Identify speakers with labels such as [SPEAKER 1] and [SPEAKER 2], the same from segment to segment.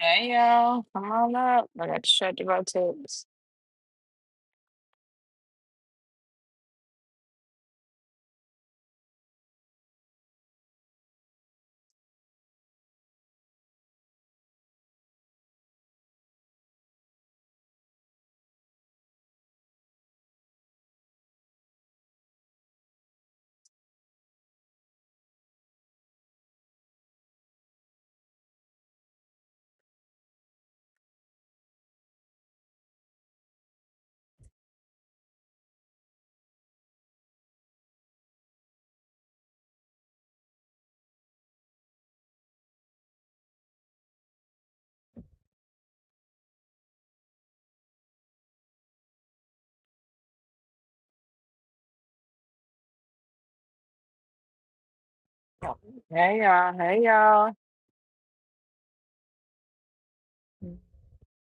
[SPEAKER 1] Hey y'all, come on up. I got to shut the rotates. Hey y'all, hey y'all.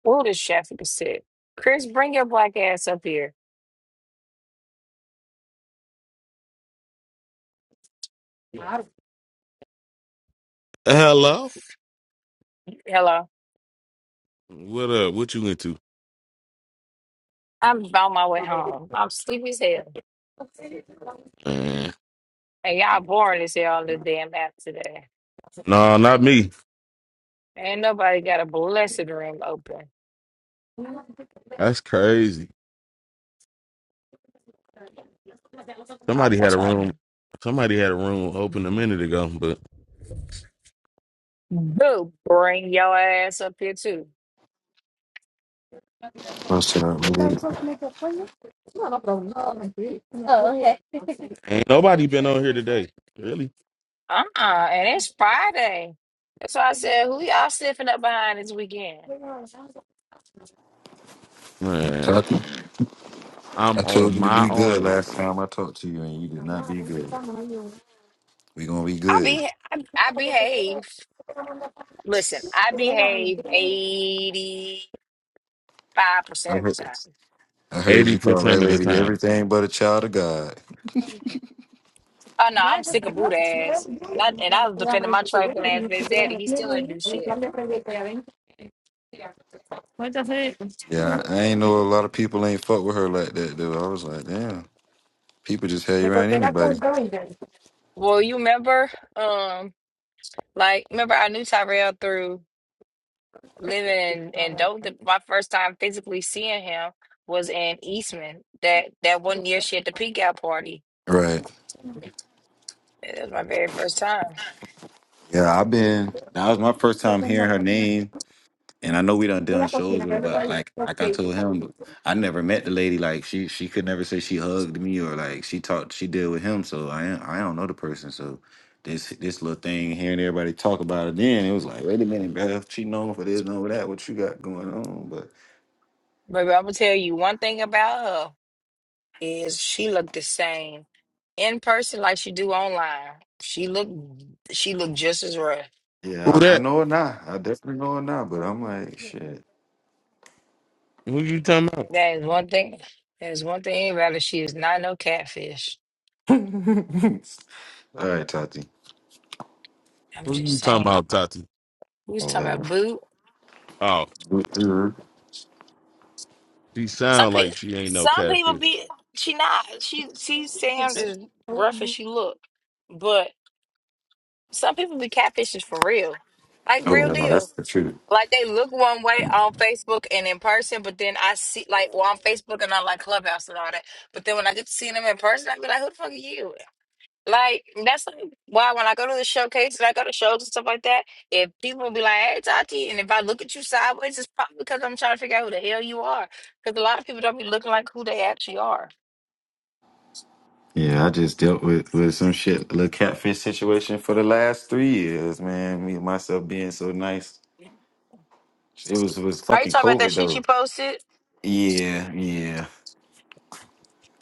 [SPEAKER 1] Ooh, this chef is sick. Chris, bring your black ass up here.
[SPEAKER 2] Hello.
[SPEAKER 1] Hello.
[SPEAKER 2] What up? What you into?
[SPEAKER 1] I'm on my way home. I'm sleepy as hell.
[SPEAKER 2] Man.
[SPEAKER 1] And y'all boring as hell on this damn app today.
[SPEAKER 2] No, not me.
[SPEAKER 1] Ain't nobody got a blessed room open.
[SPEAKER 2] That's crazy.
[SPEAKER 1] I
[SPEAKER 2] Somebody
[SPEAKER 1] want
[SPEAKER 2] had a
[SPEAKER 1] to
[SPEAKER 2] room. Somebody had a room open a minute ago, but
[SPEAKER 1] boo. Bring your ass up here too.
[SPEAKER 3] What's up? What is it?
[SPEAKER 2] ain't nobody been on here today. Really?
[SPEAKER 1] Uh-uh. And it's Friday. That's why I said, who y'all sniffing up behind this weekend?
[SPEAKER 2] Man,
[SPEAKER 3] I t- I told you
[SPEAKER 2] I'm on
[SPEAKER 3] to
[SPEAKER 2] my
[SPEAKER 3] be good
[SPEAKER 2] own
[SPEAKER 3] last time I talked to you, and you did not be good. We gonna be
[SPEAKER 1] I
[SPEAKER 3] good.
[SPEAKER 1] be I, I behave. Listen, I behave 85%
[SPEAKER 3] I
[SPEAKER 1] of the
[SPEAKER 3] heard,
[SPEAKER 1] time.
[SPEAKER 3] I heard
[SPEAKER 2] eighty
[SPEAKER 3] you call that
[SPEAKER 2] percent of the
[SPEAKER 3] lady
[SPEAKER 2] time.
[SPEAKER 3] everything but a child of God.
[SPEAKER 1] Oh no, I'm sick of boot ass. And I, and I was defending my trifling ass baby daddy. He still ain't do shit.
[SPEAKER 3] Yeah, I ain't know a lot of people ain't fuck with her like that though. I was like, damn, people just hate you around anybody.
[SPEAKER 1] Well, you remember, um, like, remember I knew Tyrell through living in, in Dope. The- My first time physically seeing him was in Eastman. That that one year she had the peak out party.
[SPEAKER 3] Right.
[SPEAKER 1] That was my very first time.
[SPEAKER 3] Yeah, I've been. That was my first time hearing her name. And I know we done done shows with her, but like like I told him, I never met the lady. Like she she could never say she hugged me or like she talked she did with him. So I ain't- I don't know the person. So this this little thing hearing everybody talk about it, then it was like, wait a minute, bro, she known for this, known for that. What you got going on? But
[SPEAKER 1] Baby, I'm gonna tell you one thing about her. is she looked the same in person like she do online. She looked she looked just as rough.
[SPEAKER 3] yeah,
[SPEAKER 2] Who
[SPEAKER 3] I, I
[SPEAKER 2] that?
[SPEAKER 3] know her now. I definitely know her now. But I'm like, shit.
[SPEAKER 2] Who you talking about?
[SPEAKER 1] That is one thing. That is one thing about her. She is not no catfish.
[SPEAKER 3] All right, Tati.
[SPEAKER 1] I'm
[SPEAKER 2] Who
[SPEAKER 1] just
[SPEAKER 2] you talking
[SPEAKER 1] saying.
[SPEAKER 2] about, Tati?
[SPEAKER 1] We
[SPEAKER 3] I
[SPEAKER 1] was talking
[SPEAKER 3] love
[SPEAKER 1] about boo.
[SPEAKER 2] Oh,
[SPEAKER 3] her. Mhm.
[SPEAKER 2] she
[SPEAKER 1] Some
[SPEAKER 2] sound like
[SPEAKER 1] people
[SPEAKER 2] she ain't no
[SPEAKER 1] some people
[SPEAKER 2] catfish.
[SPEAKER 1] be she not. She she sound as rough as she look. But some people be catfishes for real. Like
[SPEAKER 3] Oh,
[SPEAKER 1] real
[SPEAKER 3] no,
[SPEAKER 1] deal.
[SPEAKER 3] that's the truth.
[SPEAKER 1] Like they look one way on Facebook and in person, but then I see like well on Facebook and on like Clubhouse and all that. But then when I get to see them in person, I be like, "Who the fuck are you?" Like that's like why when I go to the showcase and I go to shows and stuff like that, if people be like, "Hey, Tati," and if I look at you sideways, it's probably because I'm trying to figure out who the hell you are. Because a lot of people don't be looking like who they actually are.
[SPEAKER 3] Yeah, I just dealt with, with some shit, little catfish situation for the last three years, man. Me and myself being so nice. It was was
[SPEAKER 1] Are you
[SPEAKER 3] fucking
[SPEAKER 1] talking about that
[SPEAKER 3] COVID
[SPEAKER 1] shit
[SPEAKER 3] though.
[SPEAKER 1] you posted?
[SPEAKER 3] Yeah, yeah.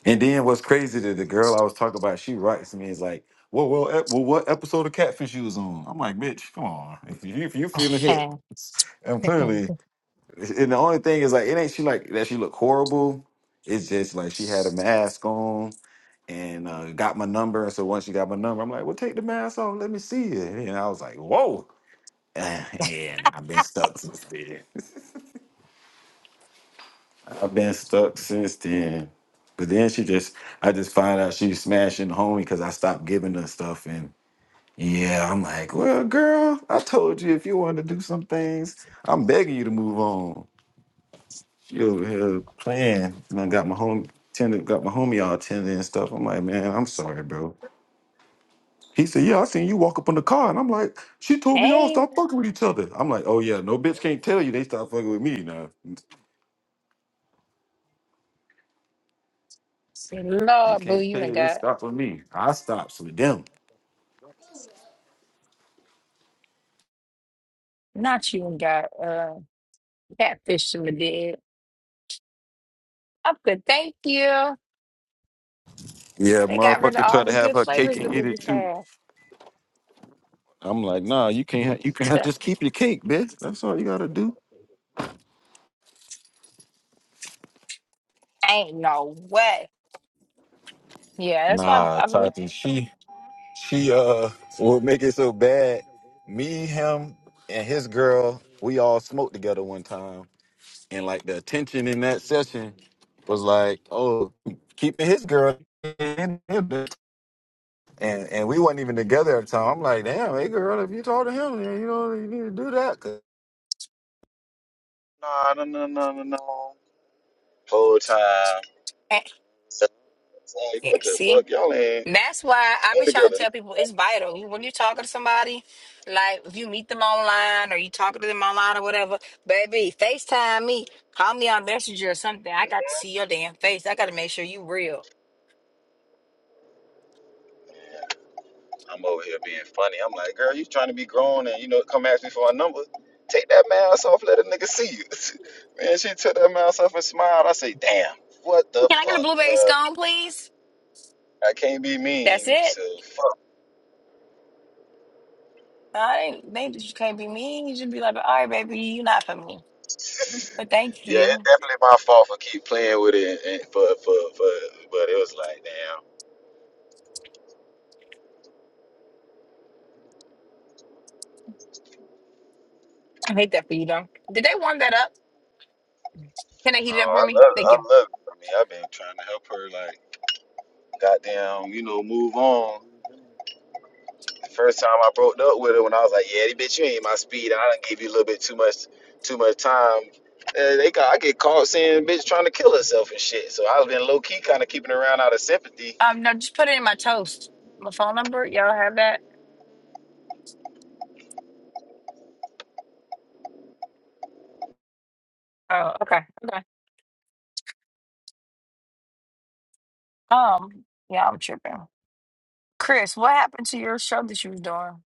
[SPEAKER 3] And then what's crazy that the girl I was talking about, she writes me is like, "Well, well, ep- well, what episode of Catfish you was on?" I'm like, "Bitch, come on. If you if you feeling hit, I'm clearly And the only thing is like it ain't she like that she looked horrible. It's just like she had a mask on and uh, got my number. And so once she got my number, I'm like, well, take the mask off, let me see it. And I was like, whoa. And I've been stuck since then. I've been stuck since then. But then she just, I just find out she's smashing the homie because I stopped giving her stuff. And yeah, I'm like, well, girl, I told you if you wanted to do some things, I'm begging you to move on. You over here playing. And I got my home tender, got my homie all tender and stuff. I'm like, man, I'm sorry, bro. He said, yeah, I seen you walk up on the car. And I'm like, she told me y'all
[SPEAKER 1] hey,
[SPEAKER 3] stop fucking with each other. I'm like, oh yeah, no bitch can't tell you they stop fucking with me now. They
[SPEAKER 1] Lord, boo,
[SPEAKER 3] can't
[SPEAKER 1] you
[SPEAKER 3] tell
[SPEAKER 1] done
[SPEAKER 3] you they
[SPEAKER 1] got.
[SPEAKER 3] stop with me. I stops with them.
[SPEAKER 1] Not you and got uh catfish in the dead. I'm good, thank you.
[SPEAKER 3] Yeah,
[SPEAKER 1] They got rid of
[SPEAKER 3] motherfucker try
[SPEAKER 1] all
[SPEAKER 3] to
[SPEAKER 1] the
[SPEAKER 3] have
[SPEAKER 1] good
[SPEAKER 3] her cake
[SPEAKER 1] flavors
[SPEAKER 3] and
[SPEAKER 1] that they
[SPEAKER 3] eat it
[SPEAKER 1] just
[SPEAKER 3] too.
[SPEAKER 1] had.
[SPEAKER 3] I'm like, nah, you can't ha- you can't
[SPEAKER 1] So,
[SPEAKER 3] just keep your cake, bitch. That's all you gotta do.
[SPEAKER 1] ain't no way. Yeah, that's why
[SPEAKER 3] Nah,
[SPEAKER 1] I, I mean,
[SPEAKER 3] Tati, she She uh will make it so bad. Me, him, and his girl, we all smoked together one time. And like the attention in that session was like, oh, keeping his girl in him. And and we wasn't even together at the time. I'm like, damn, hey girl, if you talk to him, then you know you need to do that. 'cause No, no, no, no, no, no. Whole time.
[SPEAKER 1] eh,
[SPEAKER 3] Like,
[SPEAKER 1] yeah,
[SPEAKER 3] what the
[SPEAKER 1] see,
[SPEAKER 3] fuck? Y'all ain't
[SPEAKER 1] And that's why I
[SPEAKER 3] been
[SPEAKER 1] be trying to
[SPEAKER 3] together
[SPEAKER 1] tell people it's vital. You- When you're talking to somebody, like if you meet them online or you talking to them online or whatever, baby, FaceTime me, call me on Messenger or something. I got to see your damn face. I got to make sure you real.
[SPEAKER 3] I'm over here being funny. I'm like, girl, you trying to be grown and you know come ask me for a number. Take that mask off, let a nigga see you. Man, she took that mask off and smiled. I say, damn, what the
[SPEAKER 1] Can I get a
[SPEAKER 3] fuck?
[SPEAKER 1] blueberry
[SPEAKER 3] Well,
[SPEAKER 1] scone, please?
[SPEAKER 3] I can't be
[SPEAKER 1] That's
[SPEAKER 3] mean,
[SPEAKER 1] it.
[SPEAKER 3] so fuck.
[SPEAKER 1] No, I ain't think that you can't be mean. You just be like, all right, baby, you're not for me. But thank
[SPEAKER 3] Yeah,
[SPEAKER 1] you.
[SPEAKER 3] it's definitely my fault for keep playing with it and and for for for but it was like, damn.
[SPEAKER 1] I hate that for you, though. Did they warm that up? Can they heat it up for
[SPEAKER 3] Oh, I
[SPEAKER 1] me?
[SPEAKER 3] love it.
[SPEAKER 1] Thank you.
[SPEAKER 3] I love it. I mean, I've been trying to help her like goddamn, you know, move on. The first time I broke up with her, when I was like, "Yeah, bitch, you ain't my speed. I done gave you a little bit too much, too much time." Uh, they got, I get caught saying bitch trying to kill herself and shit. So I've been low key kind of keeping around out of sympathy
[SPEAKER 1] Um, no, just put it in my toast. My phone number, y'all have that? Oh, okay, okay. Um, yeah, I'm tripping. Chris, what happened to your show that you was doing?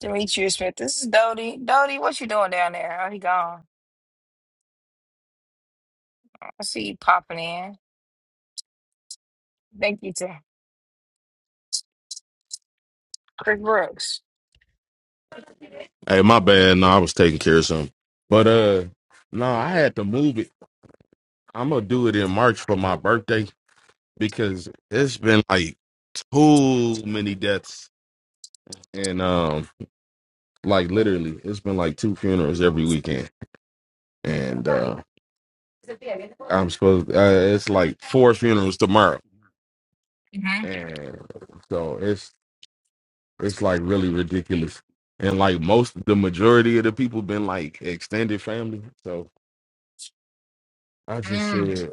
[SPEAKER 1] Demetrius Smith, this is Dodie. Dodie, what you doing down there? Oh, he gone. I see you popping in. Thank you to Chris Brooks.
[SPEAKER 2] Hey, my bad. No, I was taking care of something. But uh, no, I had to move it. I'm gonna do it in March for my birthday because it's been like too many deaths and um like literally it's been like two funerals every weekend and uh i'm supposed uh, it's like four funerals tomorrow
[SPEAKER 1] Mm-hmm.
[SPEAKER 2] and so it's it's like really ridiculous and like most the majority of the people been like extended family so i just
[SPEAKER 1] Mm-hmm.
[SPEAKER 2] said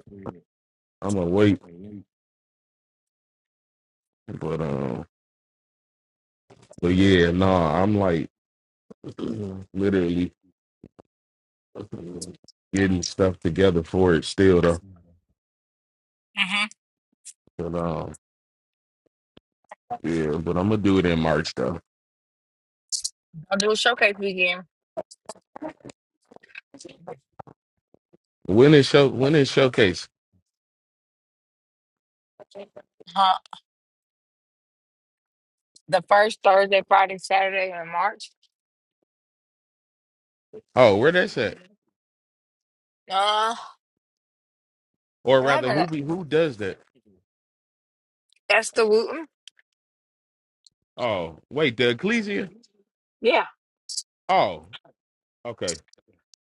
[SPEAKER 2] i'm gonna wait but um but yeah nah i'm like literally getting stuff together for it still though But um, yeah, but I'm gonna do it in March though.
[SPEAKER 1] I'll do a showcase weekend.
[SPEAKER 2] When is show? When is showcase?
[SPEAKER 1] Huh? The first Thursday, Friday, Saturday in March.
[SPEAKER 2] Oh, where that's at?
[SPEAKER 1] Uh,
[SPEAKER 2] Or
[SPEAKER 1] I
[SPEAKER 2] rather, who
[SPEAKER 1] haven't.
[SPEAKER 2] be who does that?
[SPEAKER 1] That's the Wooten.
[SPEAKER 2] Oh, wait, the Ecclesia.
[SPEAKER 1] Yeah.
[SPEAKER 2] Oh, okay.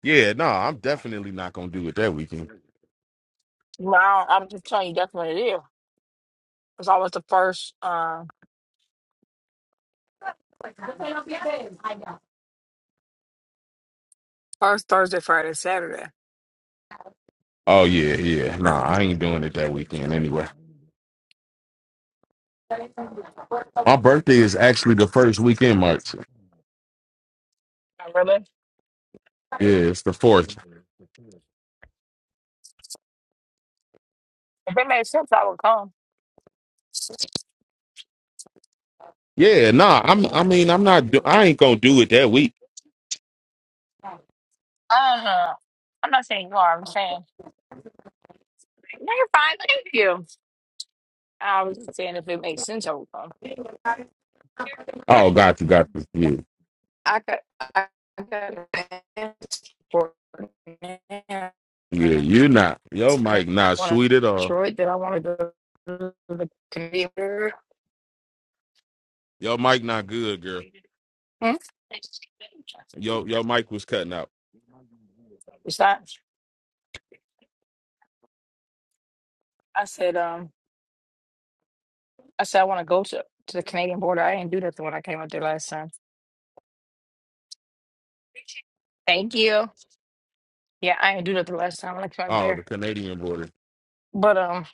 [SPEAKER 2] Yeah, no, I'm definitely not gonna do it that weekend.
[SPEAKER 1] No, I'm just telling you, that's what it is. It's always the first, uh, first Thursday, Friday, Saturday.
[SPEAKER 2] Oh yeah, yeah. No, I ain't doing it that weekend anyway. My birthday is actually the first weekend, March.
[SPEAKER 1] Not really.
[SPEAKER 2] Yeah, it's the fourth.
[SPEAKER 1] If it made sense, I would come.
[SPEAKER 2] Yeah, nah. I'm. I mean, I'm not. Do- I ain't gonna do it that week.
[SPEAKER 1] I don't know. I'm not saying you are. I'm saying no, you're fine. Thank you. I was just saying if it makes sense, I would come.
[SPEAKER 2] Oh, got you, got you.
[SPEAKER 1] I could. I could ask for.
[SPEAKER 2] Yeah, yeah. You not. Yo,
[SPEAKER 1] I
[SPEAKER 2] Mike, not
[SPEAKER 1] want to
[SPEAKER 2] sweet at all.
[SPEAKER 1] Detroit that I want to go to the computer.
[SPEAKER 2] Yo, Mike, not good, girl.
[SPEAKER 1] Hmm?
[SPEAKER 2] Yo, your mic was cutting out.
[SPEAKER 1] It's not. I said, um, I said I want to go to to the Canadian border. I didn't do nothing when I came up there last time. Thank you. Yeah, I didn't do nothing last time when I came up
[SPEAKER 2] Oh, the
[SPEAKER 1] there.
[SPEAKER 2] Canadian border.
[SPEAKER 1] But um,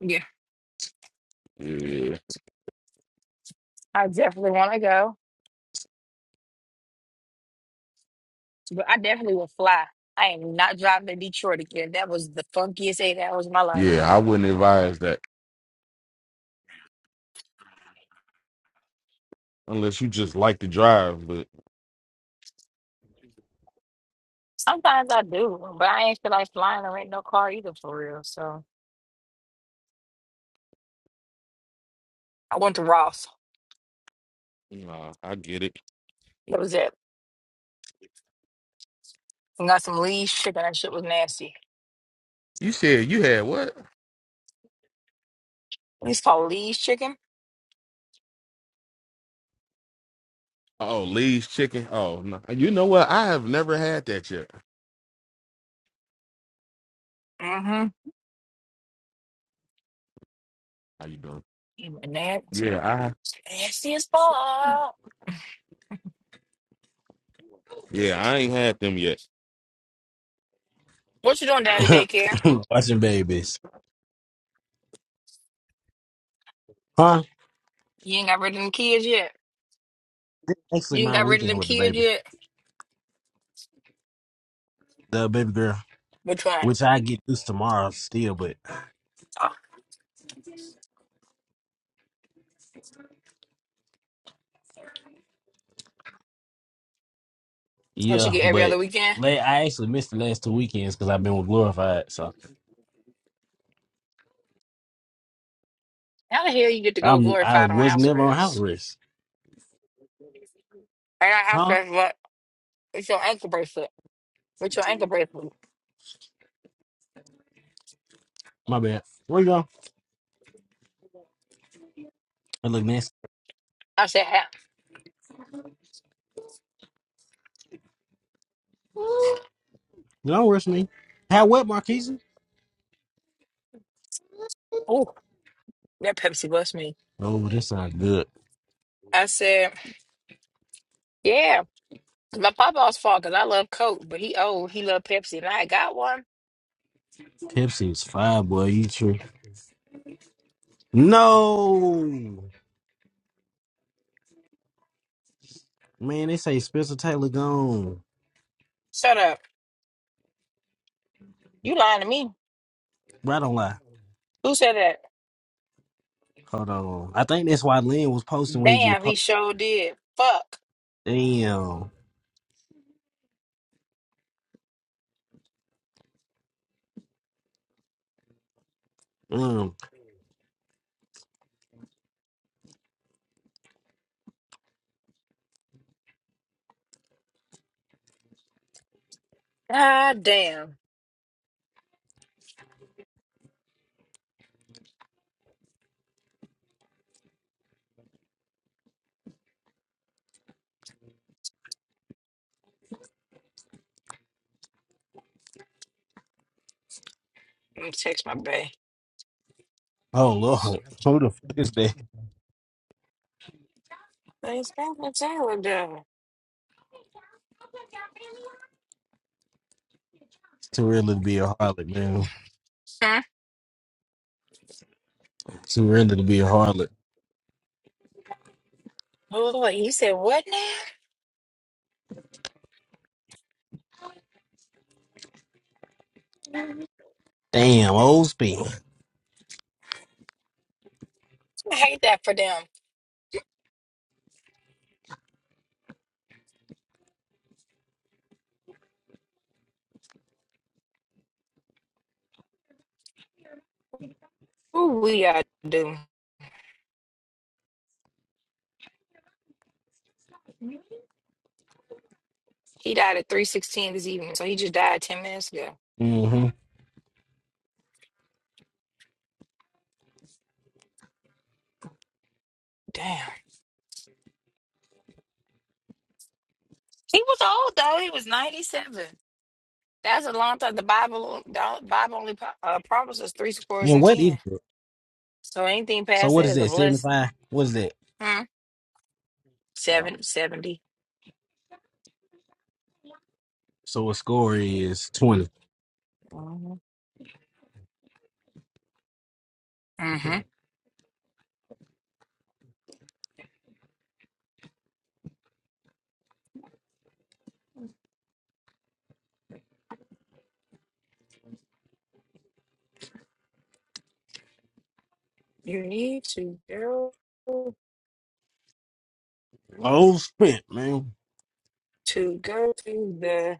[SPEAKER 1] yeah,
[SPEAKER 2] Yeah,
[SPEAKER 1] I definitely want to go. But I definitely will fly. I am not driving to Detroit again. That was the funkiest eight hours of my life.
[SPEAKER 2] yeah. I wouldn't advise that unless you just like to drive. But
[SPEAKER 1] Sometimes I do, but I ain't feel like flying or ain't no car either for real. So I went to Ross.
[SPEAKER 2] nah, I get it.
[SPEAKER 1] That was it. And got some Lee's chicken. That shit was nasty.
[SPEAKER 2] You said you had what?
[SPEAKER 1] It's called Lee's chicken.
[SPEAKER 2] Oh, Lee's chicken. Oh, no. You know what? I have never had that yet.
[SPEAKER 1] Mm-hmm.
[SPEAKER 2] How you doing?
[SPEAKER 1] Even that
[SPEAKER 2] Yeah, I.
[SPEAKER 1] nasty as fuck.
[SPEAKER 2] Yeah, I ain't had them yet.
[SPEAKER 1] What you doing, Daddy Daycare?
[SPEAKER 4] Watching babies. Huh?
[SPEAKER 1] You ain't got rid of them kids yet.
[SPEAKER 4] This actually
[SPEAKER 1] You ain't
[SPEAKER 4] my
[SPEAKER 1] got rid of
[SPEAKER 4] weekend
[SPEAKER 1] them
[SPEAKER 4] with the
[SPEAKER 1] kids
[SPEAKER 4] baby.
[SPEAKER 1] yet.
[SPEAKER 4] The baby girl.
[SPEAKER 1] Which one?
[SPEAKER 4] Which I get this tomorrow still, but
[SPEAKER 1] Oh, what you
[SPEAKER 4] yeah,
[SPEAKER 1] get every
[SPEAKER 4] but
[SPEAKER 1] other weekend?
[SPEAKER 4] late, I actually missed the last two weekends because I've been with Glorified. So
[SPEAKER 1] How the hell you get to go
[SPEAKER 4] I'm I
[SPEAKER 1] glorified on
[SPEAKER 4] was
[SPEAKER 1] house
[SPEAKER 4] never on house
[SPEAKER 1] arrest?
[SPEAKER 4] arrest.
[SPEAKER 1] I got house
[SPEAKER 4] Huh?
[SPEAKER 1] arrest, but it's your ankle bracelet. What's your ankle bracelet?
[SPEAKER 4] My bad. Where you go? I look nasty.
[SPEAKER 1] I said, ha-
[SPEAKER 4] Don't rush me. How wet, Marquise?
[SPEAKER 1] oh, that Pepsi blessed me.
[SPEAKER 4] Oh, this not good.
[SPEAKER 1] I said, yeah, it's my papa's fault because I love Coke, but he old. He loved Pepsi, and I got one.
[SPEAKER 4] Pepsi is fire, boy. You true. No. Man, they say Spencer Taylor gone.
[SPEAKER 1] Shut up. You lying to me.
[SPEAKER 4] But I don't lie.
[SPEAKER 1] Who said that?
[SPEAKER 4] Hold on. I think that's why Lynn was posting when he just
[SPEAKER 1] Damn, he
[SPEAKER 4] posted.
[SPEAKER 1] sure did. Fuck.
[SPEAKER 4] Damn. Mm.
[SPEAKER 1] God damn. Let me text my bae.
[SPEAKER 4] Oh Lord. Who the fuck is that?
[SPEAKER 1] Thanks God for salad though.
[SPEAKER 4] It's too early to be a harlot, man.
[SPEAKER 1] Huh?
[SPEAKER 4] It's too early to be a harlot.
[SPEAKER 1] Oh, wait, you said what now?
[SPEAKER 4] Damn, old speed.
[SPEAKER 1] I hate that for them. Ooh, we are do. He died at 316 this evening, so he just died 10 minutes ago.
[SPEAKER 4] Mm-hmm.
[SPEAKER 1] Damn. He was old though. He was 97. That's a long time. The Bible the Bible only pro- uh, promises three scores
[SPEAKER 4] And
[SPEAKER 1] and
[SPEAKER 4] what
[SPEAKER 1] ten.
[SPEAKER 4] is it?
[SPEAKER 1] So anything
[SPEAKER 4] So
[SPEAKER 1] past
[SPEAKER 4] what
[SPEAKER 1] that
[SPEAKER 4] is
[SPEAKER 1] is a
[SPEAKER 4] that? Seventy
[SPEAKER 1] blessing.
[SPEAKER 4] five? What is that?
[SPEAKER 1] Hmm?
[SPEAKER 4] Oh.
[SPEAKER 1] Seven, 70.
[SPEAKER 4] So a score is twenty.
[SPEAKER 1] hmm You need to go
[SPEAKER 4] Old spent, man.
[SPEAKER 1] to go to the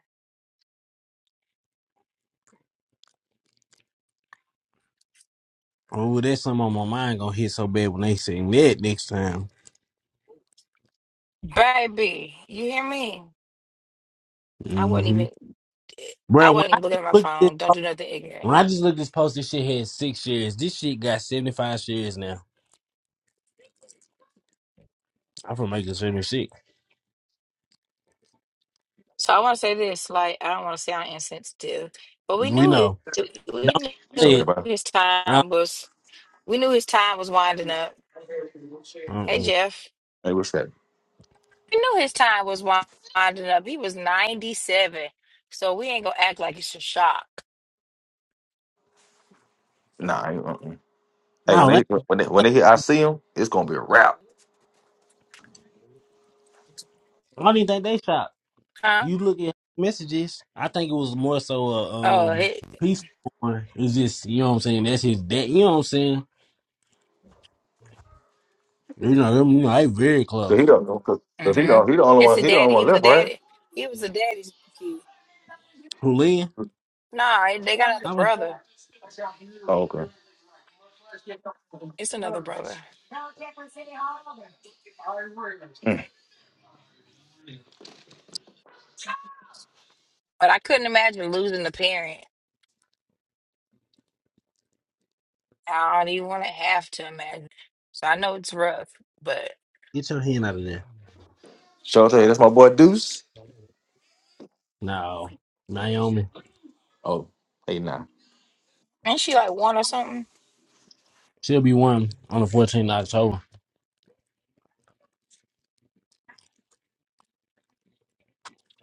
[SPEAKER 4] Oh, that's something on my mind gonna hit so bad when they sing that next time.
[SPEAKER 1] baby. You hear me? I wasn't
[SPEAKER 4] Mm-hmm.
[SPEAKER 1] even I
[SPEAKER 4] Bro, when
[SPEAKER 1] wasn't
[SPEAKER 4] I
[SPEAKER 1] even looking
[SPEAKER 4] did
[SPEAKER 1] at my
[SPEAKER 4] look at
[SPEAKER 1] phone.
[SPEAKER 4] that.
[SPEAKER 1] Don't do nothing ignorant.
[SPEAKER 4] When I just looked at this post, this shit had six shares. This shit got 75 shares now. I'm from Macon 76.
[SPEAKER 1] So I want to say this, like I don't want to sound insensitive, but we
[SPEAKER 4] We
[SPEAKER 1] knew it.
[SPEAKER 4] know. Don't
[SPEAKER 1] We
[SPEAKER 5] It's
[SPEAKER 4] say
[SPEAKER 5] okay,
[SPEAKER 4] it.
[SPEAKER 1] knew
[SPEAKER 5] bro.
[SPEAKER 1] his
[SPEAKER 4] Uh,
[SPEAKER 1] time was. We knew his time was winding up. Hey
[SPEAKER 4] mm-mm.
[SPEAKER 1] Jeff,
[SPEAKER 5] Hey, what's that?
[SPEAKER 1] we knew his time was winding up. He was ninety seven, so we ain't gonna act like it's a shock,
[SPEAKER 5] Nah, I ain't, mm-mm. hey, when
[SPEAKER 4] No,
[SPEAKER 5] they
[SPEAKER 4] that-
[SPEAKER 5] when they when they hit, I see him. It's gonna be a wrap.
[SPEAKER 4] I don't even think they shot.
[SPEAKER 1] huh?
[SPEAKER 4] You look at messages. I think it was more so a um
[SPEAKER 1] Oh,
[SPEAKER 4] peace. one. It's just you know what I'm saying. That's his dad. You know what I'm saying. You know, them, you know, they very
[SPEAKER 5] Cause he
[SPEAKER 4] close.
[SPEAKER 5] don't, know, cause, cause he
[SPEAKER 1] Mm-hmm.
[SPEAKER 5] don't, he the only
[SPEAKER 1] It's
[SPEAKER 5] one,
[SPEAKER 1] a
[SPEAKER 5] he the only
[SPEAKER 1] daddy.
[SPEAKER 5] one
[SPEAKER 1] He was a
[SPEAKER 5] left, right?
[SPEAKER 1] daddy. He was a daddy's kid.
[SPEAKER 4] Julian,
[SPEAKER 1] Nah, they got another
[SPEAKER 4] I was
[SPEAKER 1] brother.
[SPEAKER 5] Oh, okay. Mm.
[SPEAKER 1] It's another brother. But I couldn't imagine losing a parent. I don't even want to have to imagine. So I know it's rough, but
[SPEAKER 4] get your hand out of there.
[SPEAKER 5] So I tell you, that's my boy Deuce.
[SPEAKER 4] No, Naomi.
[SPEAKER 5] Oh, hey, nah.
[SPEAKER 1] ain't she like one or something?
[SPEAKER 4] She'll be one on the 14th of October.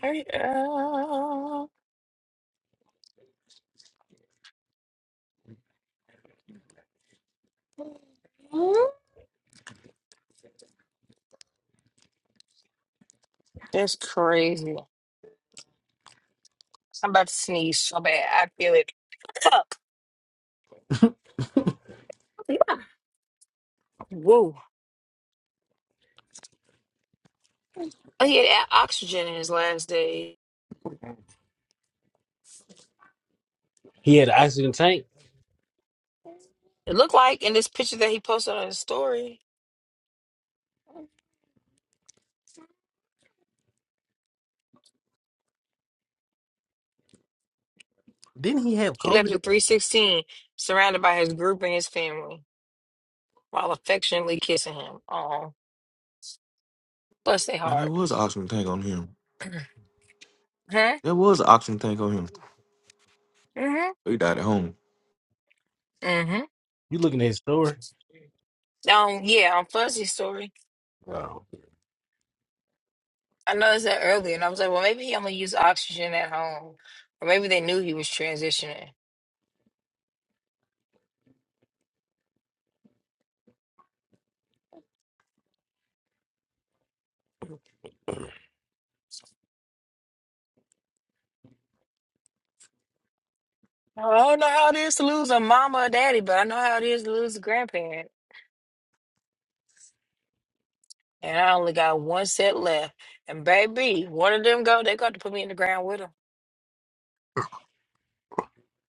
[SPEAKER 1] Hurry up. That's crazy. I'm about to sneeze so bad. I feel it. Woo. He had a- oxygen in his last day.
[SPEAKER 4] He had an oxygen tank.
[SPEAKER 1] It looked like in this picture that he posted on his story.
[SPEAKER 4] Didn't he have
[SPEAKER 1] He left
[SPEAKER 4] COVID?
[SPEAKER 1] at 316, surrounded by his group and his family, while affectionately kissing him. Oh, bless their
[SPEAKER 5] Man, there was an
[SPEAKER 1] hearts.
[SPEAKER 5] oxygen tank on him.
[SPEAKER 1] Huh?
[SPEAKER 5] There was an oxygen tank on him.
[SPEAKER 1] Mm-hmm.
[SPEAKER 5] He died at home.
[SPEAKER 1] Mm-hmm.
[SPEAKER 4] You looking at his story?
[SPEAKER 1] Um, yeah, on Fuzzy's story,
[SPEAKER 4] Wow.
[SPEAKER 1] I noticed that earlier, and I was like, well, maybe he only used oxygen at home, or maybe they knew he was transitioning. I don't know how it is to lose a mama or daddy, but I know how it is to lose a grandparent. And I only got one set left. And baby, one of them go, they got to put me in the ground with them.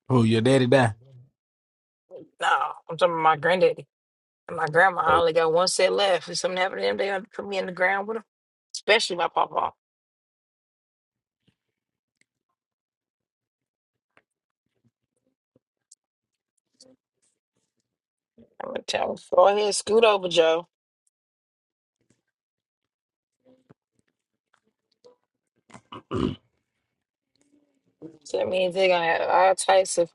[SPEAKER 4] Oh, your daddy died.
[SPEAKER 1] No, I'm talking about my granddaddy. My grandma, I
[SPEAKER 4] Oh,
[SPEAKER 1] only got one set left. If something happened to them, they gonna put me in the ground with them. Especially my papa. I'm gonna tell him, go ahead, scoot over, Joe. So that means they're gonna have all types of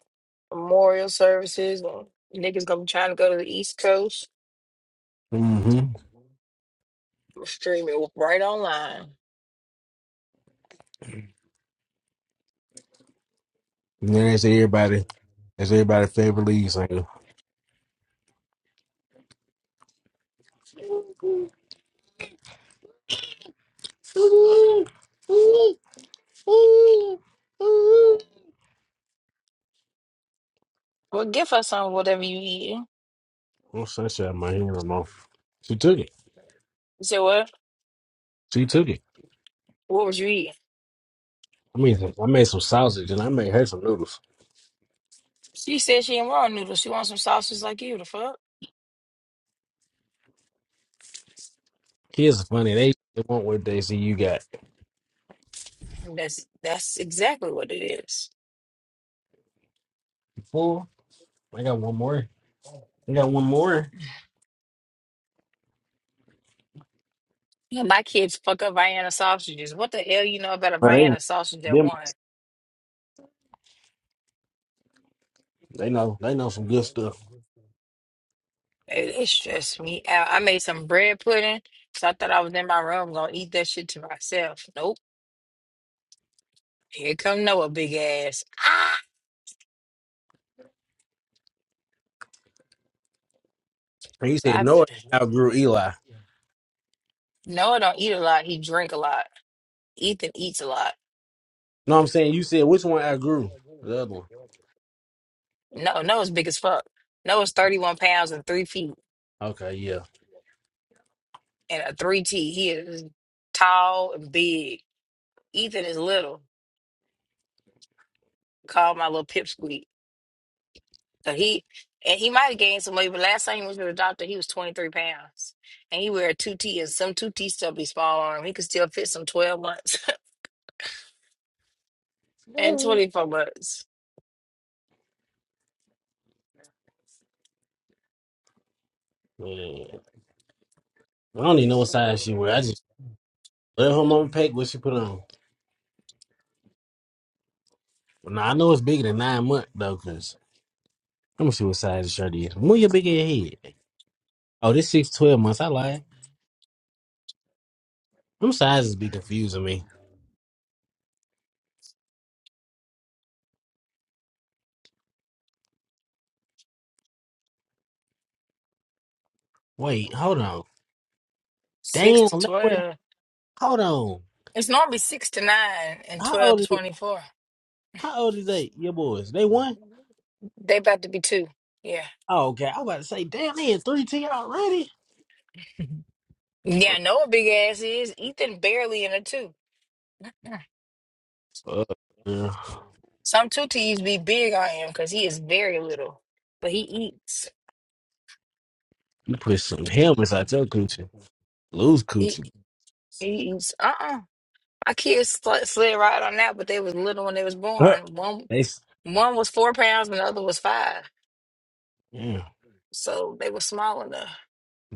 [SPEAKER 1] memorial services. and Niggas gonna be trying to go to the East Coast.
[SPEAKER 4] Mm-hmm.
[SPEAKER 1] I'ma Stream it right online.
[SPEAKER 4] And then that's everybody. That's everybody' favorite lead singer.
[SPEAKER 1] Well, give her some of whatever you eating.
[SPEAKER 4] Oh, sunshine, my hand on off. She took it.
[SPEAKER 1] You said what?
[SPEAKER 4] She took it.
[SPEAKER 1] What was you eating?
[SPEAKER 4] I mean, I made some sausage and I made her some noodles.
[SPEAKER 1] She said she ain't want noodles. She wants some sausage like you. The fuck?
[SPEAKER 4] Kids are funny. They, they want what they see you got.
[SPEAKER 1] That's that's exactly what it is.
[SPEAKER 4] Four. I got one more. I got one more.
[SPEAKER 1] Yeah, My kids fuck up Vienna sausages. What the hell you know about a
[SPEAKER 4] But they,
[SPEAKER 1] Vienna sausage at
[SPEAKER 4] them,
[SPEAKER 1] one?
[SPEAKER 4] they know. They know some good stuff.
[SPEAKER 1] It, it stressed me out. I made some bread pudding, so I thought I was in my room gonna eat that shit to myself. Nope. Here come Noah, big ass. Ah!
[SPEAKER 4] And you
[SPEAKER 1] So
[SPEAKER 4] said
[SPEAKER 1] I
[SPEAKER 4] Noah outgrew Eli.
[SPEAKER 1] Noah don't eat a lot. He drink a lot. Ethan eats a lot.
[SPEAKER 4] No, I'm saying you said which one outgrew the other one.
[SPEAKER 1] No, Noah's big as fuck. Noah's thirty one pounds and three feet
[SPEAKER 4] Okay, yeah.
[SPEAKER 1] and a three T. He is tall and big. Ethan is little. Call my little pipsqueak. So he and he might have gained some weight, but last time he went to the doctor, he was 23 pounds. And he wear a 2T and some 2T still be small on him. He could still fit some 12 months and
[SPEAKER 4] Yeah.
[SPEAKER 1] 24 months.
[SPEAKER 4] I don't even know what size she wear. I just let her mama pack what she put on. Well, now I know it's bigger than nine months though, cause let me see what size the shirt is. Move your big ass head. Oh, this six twelve months. I lied. Them sizes be confusing me. Wait, hold on.
[SPEAKER 1] Six
[SPEAKER 4] Damn,
[SPEAKER 1] to
[SPEAKER 4] they were
[SPEAKER 1] 12.
[SPEAKER 4] hold on.
[SPEAKER 1] It's normally six to nine and
[SPEAKER 4] How
[SPEAKER 1] 12 to
[SPEAKER 4] old is
[SPEAKER 1] 24.
[SPEAKER 4] how old is they? Your boys? They one?
[SPEAKER 1] They about to be two. Yeah.
[SPEAKER 4] Oh, okay. I was about to say, damn, they in three ten already.
[SPEAKER 1] Mhm. Yeah,
[SPEAKER 4] Fuck,
[SPEAKER 1] I know what big ass is. Ethan barely in a two. Mm.
[SPEAKER 4] fuck, girl.
[SPEAKER 1] Some two T's be big on him because he is very little. But he eats.
[SPEAKER 4] You put some helmets out your coochie. Lose
[SPEAKER 1] He,
[SPEAKER 4] coochie.
[SPEAKER 1] he eats. Uh uh My kids sl- slid right on that, but they was little when they was born. One
[SPEAKER 4] They s-
[SPEAKER 1] one was four pounds and the other was five.
[SPEAKER 4] yeah.
[SPEAKER 1] So they were small enough.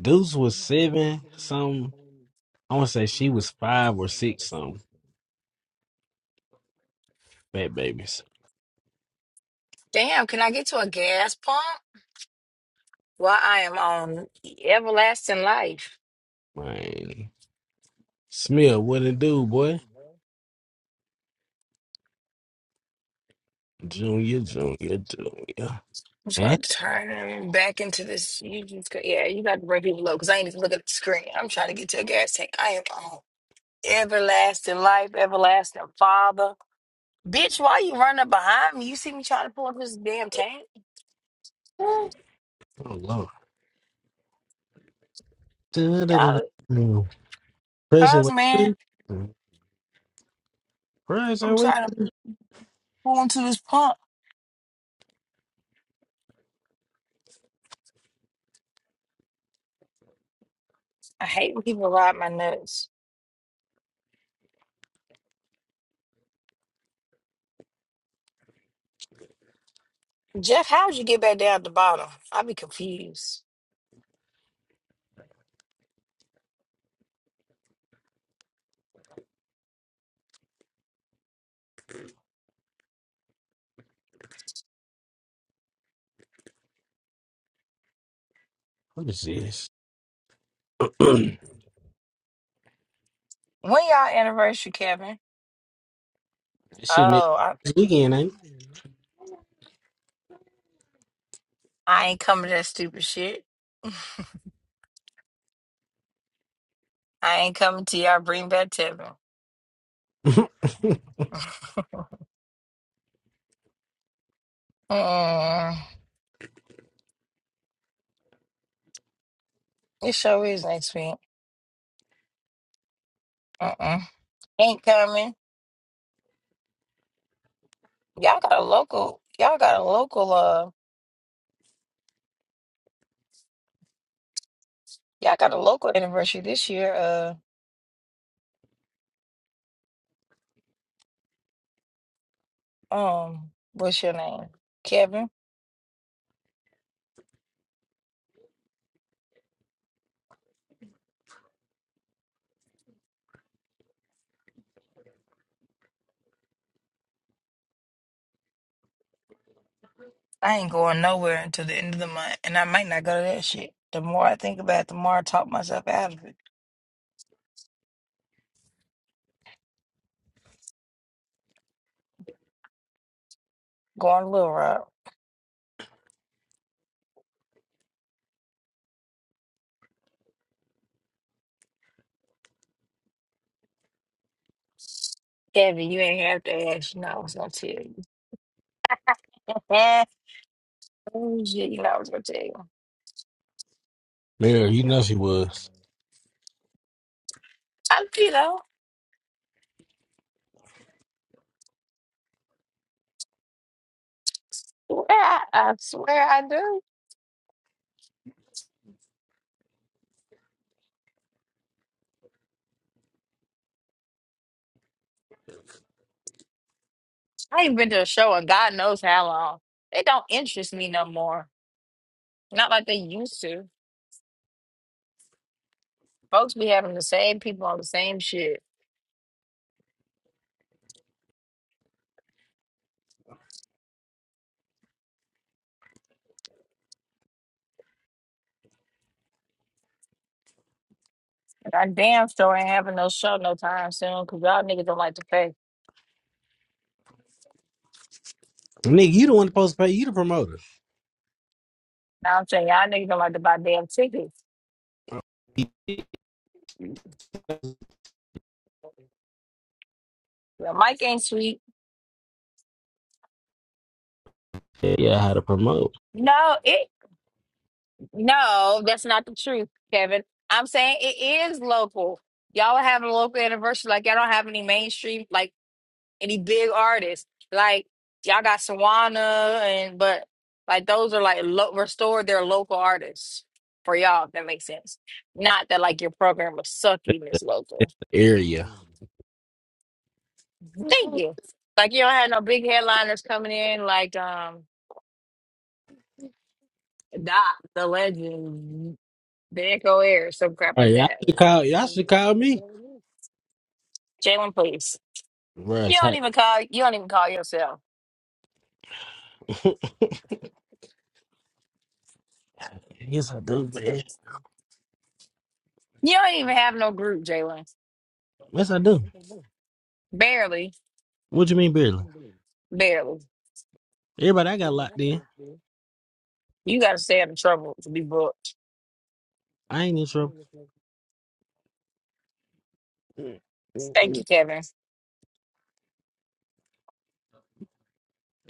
[SPEAKER 4] Deuce was seven, some I wanna say she was five or six, some fat babies.
[SPEAKER 1] Damn, can I get to a gas pump? Well, I am on everlasting life.
[SPEAKER 4] Man. Smith, what it do, boy? Junior, junior, junior.
[SPEAKER 1] I'm just
[SPEAKER 4] Eh?
[SPEAKER 1] gonna turn him back into this. You just go, yeah, you got to bring people low because I ain't even looking at the screen. I'm trying to get to a gas tank. I am on everlasting life, everlasting father. Bitch, why you running up behind me? You see me trying to pull up this damn tank?
[SPEAKER 4] Oh Lord.
[SPEAKER 1] Y'all,
[SPEAKER 4] Da-da-da-da. Pressure
[SPEAKER 1] cuz
[SPEAKER 4] with
[SPEAKER 1] man. I'm
[SPEAKER 4] Pressure with
[SPEAKER 1] trying to Going to this pump. I hate when people ride my nuts. Jeff, how'd you get back down at the bottom? I'd be confused.
[SPEAKER 4] What is this?
[SPEAKER 1] When y'all anniversary, Kevin?
[SPEAKER 4] This shit nigga
[SPEAKER 1] Oh, I,
[SPEAKER 4] this weekend, ain't
[SPEAKER 1] I ain't coming to that stupid shit. I ain't coming to y'all bring back Tevin.
[SPEAKER 4] it?
[SPEAKER 1] Mm, it sure is next week. Uh-uh. Ain't coming. Y'all got a local. Y'all got a local. Uh, y'all got a local anniversary this year. Uh, um, what's your name? Kevin. I ain't going nowhere until the end of the month, and I might not go to that shit. The more I think about it, the more I talk myself out of it. Going a little rock. Kevin, you ain't have to ask. You know I was gonna tell you. oh shit, you know I was gonna tell you.
[SPEAKER 4] Yeah, you know she was.
[SPEAKER 1] I, you know, swear I, I swear I do. I ain't been to a show in God knows how long. They don't interest me no more. Not like they used to. Folks be having the same people on the same shit. And I damn sure ain't having no show no time soon because y'all niggas don't like to pay.
[SPEAKER 4] Nigga, you the one supposed to pay you the promoter.
[SPEAKER 1] Now I'm saying y'all niggas don't like to buy damn tickets. Your mic ain't sweet.
[SPEAKER 4] Yeah, yeah, how to promote.
[SPEAKER 1] No, it no, that's not the truth, Kevin. I'm saying it is local. Y'all are having a local anniversary. Like y'all don't have any mainstream, like any big artists. Like y'all got Sawana and but like those are like lo- restored their local artists for y'all, if that makes sense. Not that like your program was sucky and it's local.
[SPEAKER 4] It's the area.
[SPEAKER 1] Thank you. Like you don't have no big headliners coming in like um Doc, the legend, the Echo Air, some crap like
[SPEAKER 4] Hey, y'all
[SPEAKER 1] that.
[SPEAKER 4] should call y'all should call me.
[SPEAKER 1] Jalen, please.
[SPEAKER 4] Bruh,
[SPEAKER 1] You
[SPEAKER 4] it's
[SPEAKER 1] don't
[SPEAKER 4] hot.
[SPEAKER 1] even call. You don't even call yourself.
[SPEAKER 4] Yes, I do, man.
[SPEAKER 1] You don't even have no group, Jalen.
[SPEAKER 4] Yes, I do.
[SPEAKER 1] Barely,
[SPEAKER 4] What you mean, barely?
[SPEAKER 1] barely.
[SPEAKER 4] Everybody, I got locked in.
[SPEAKER 1] You got to stay out of trouble to be booked.
[SPEAKER 4] I ain't in trouble.
[SPEAKER 1] Thank you, Kevin.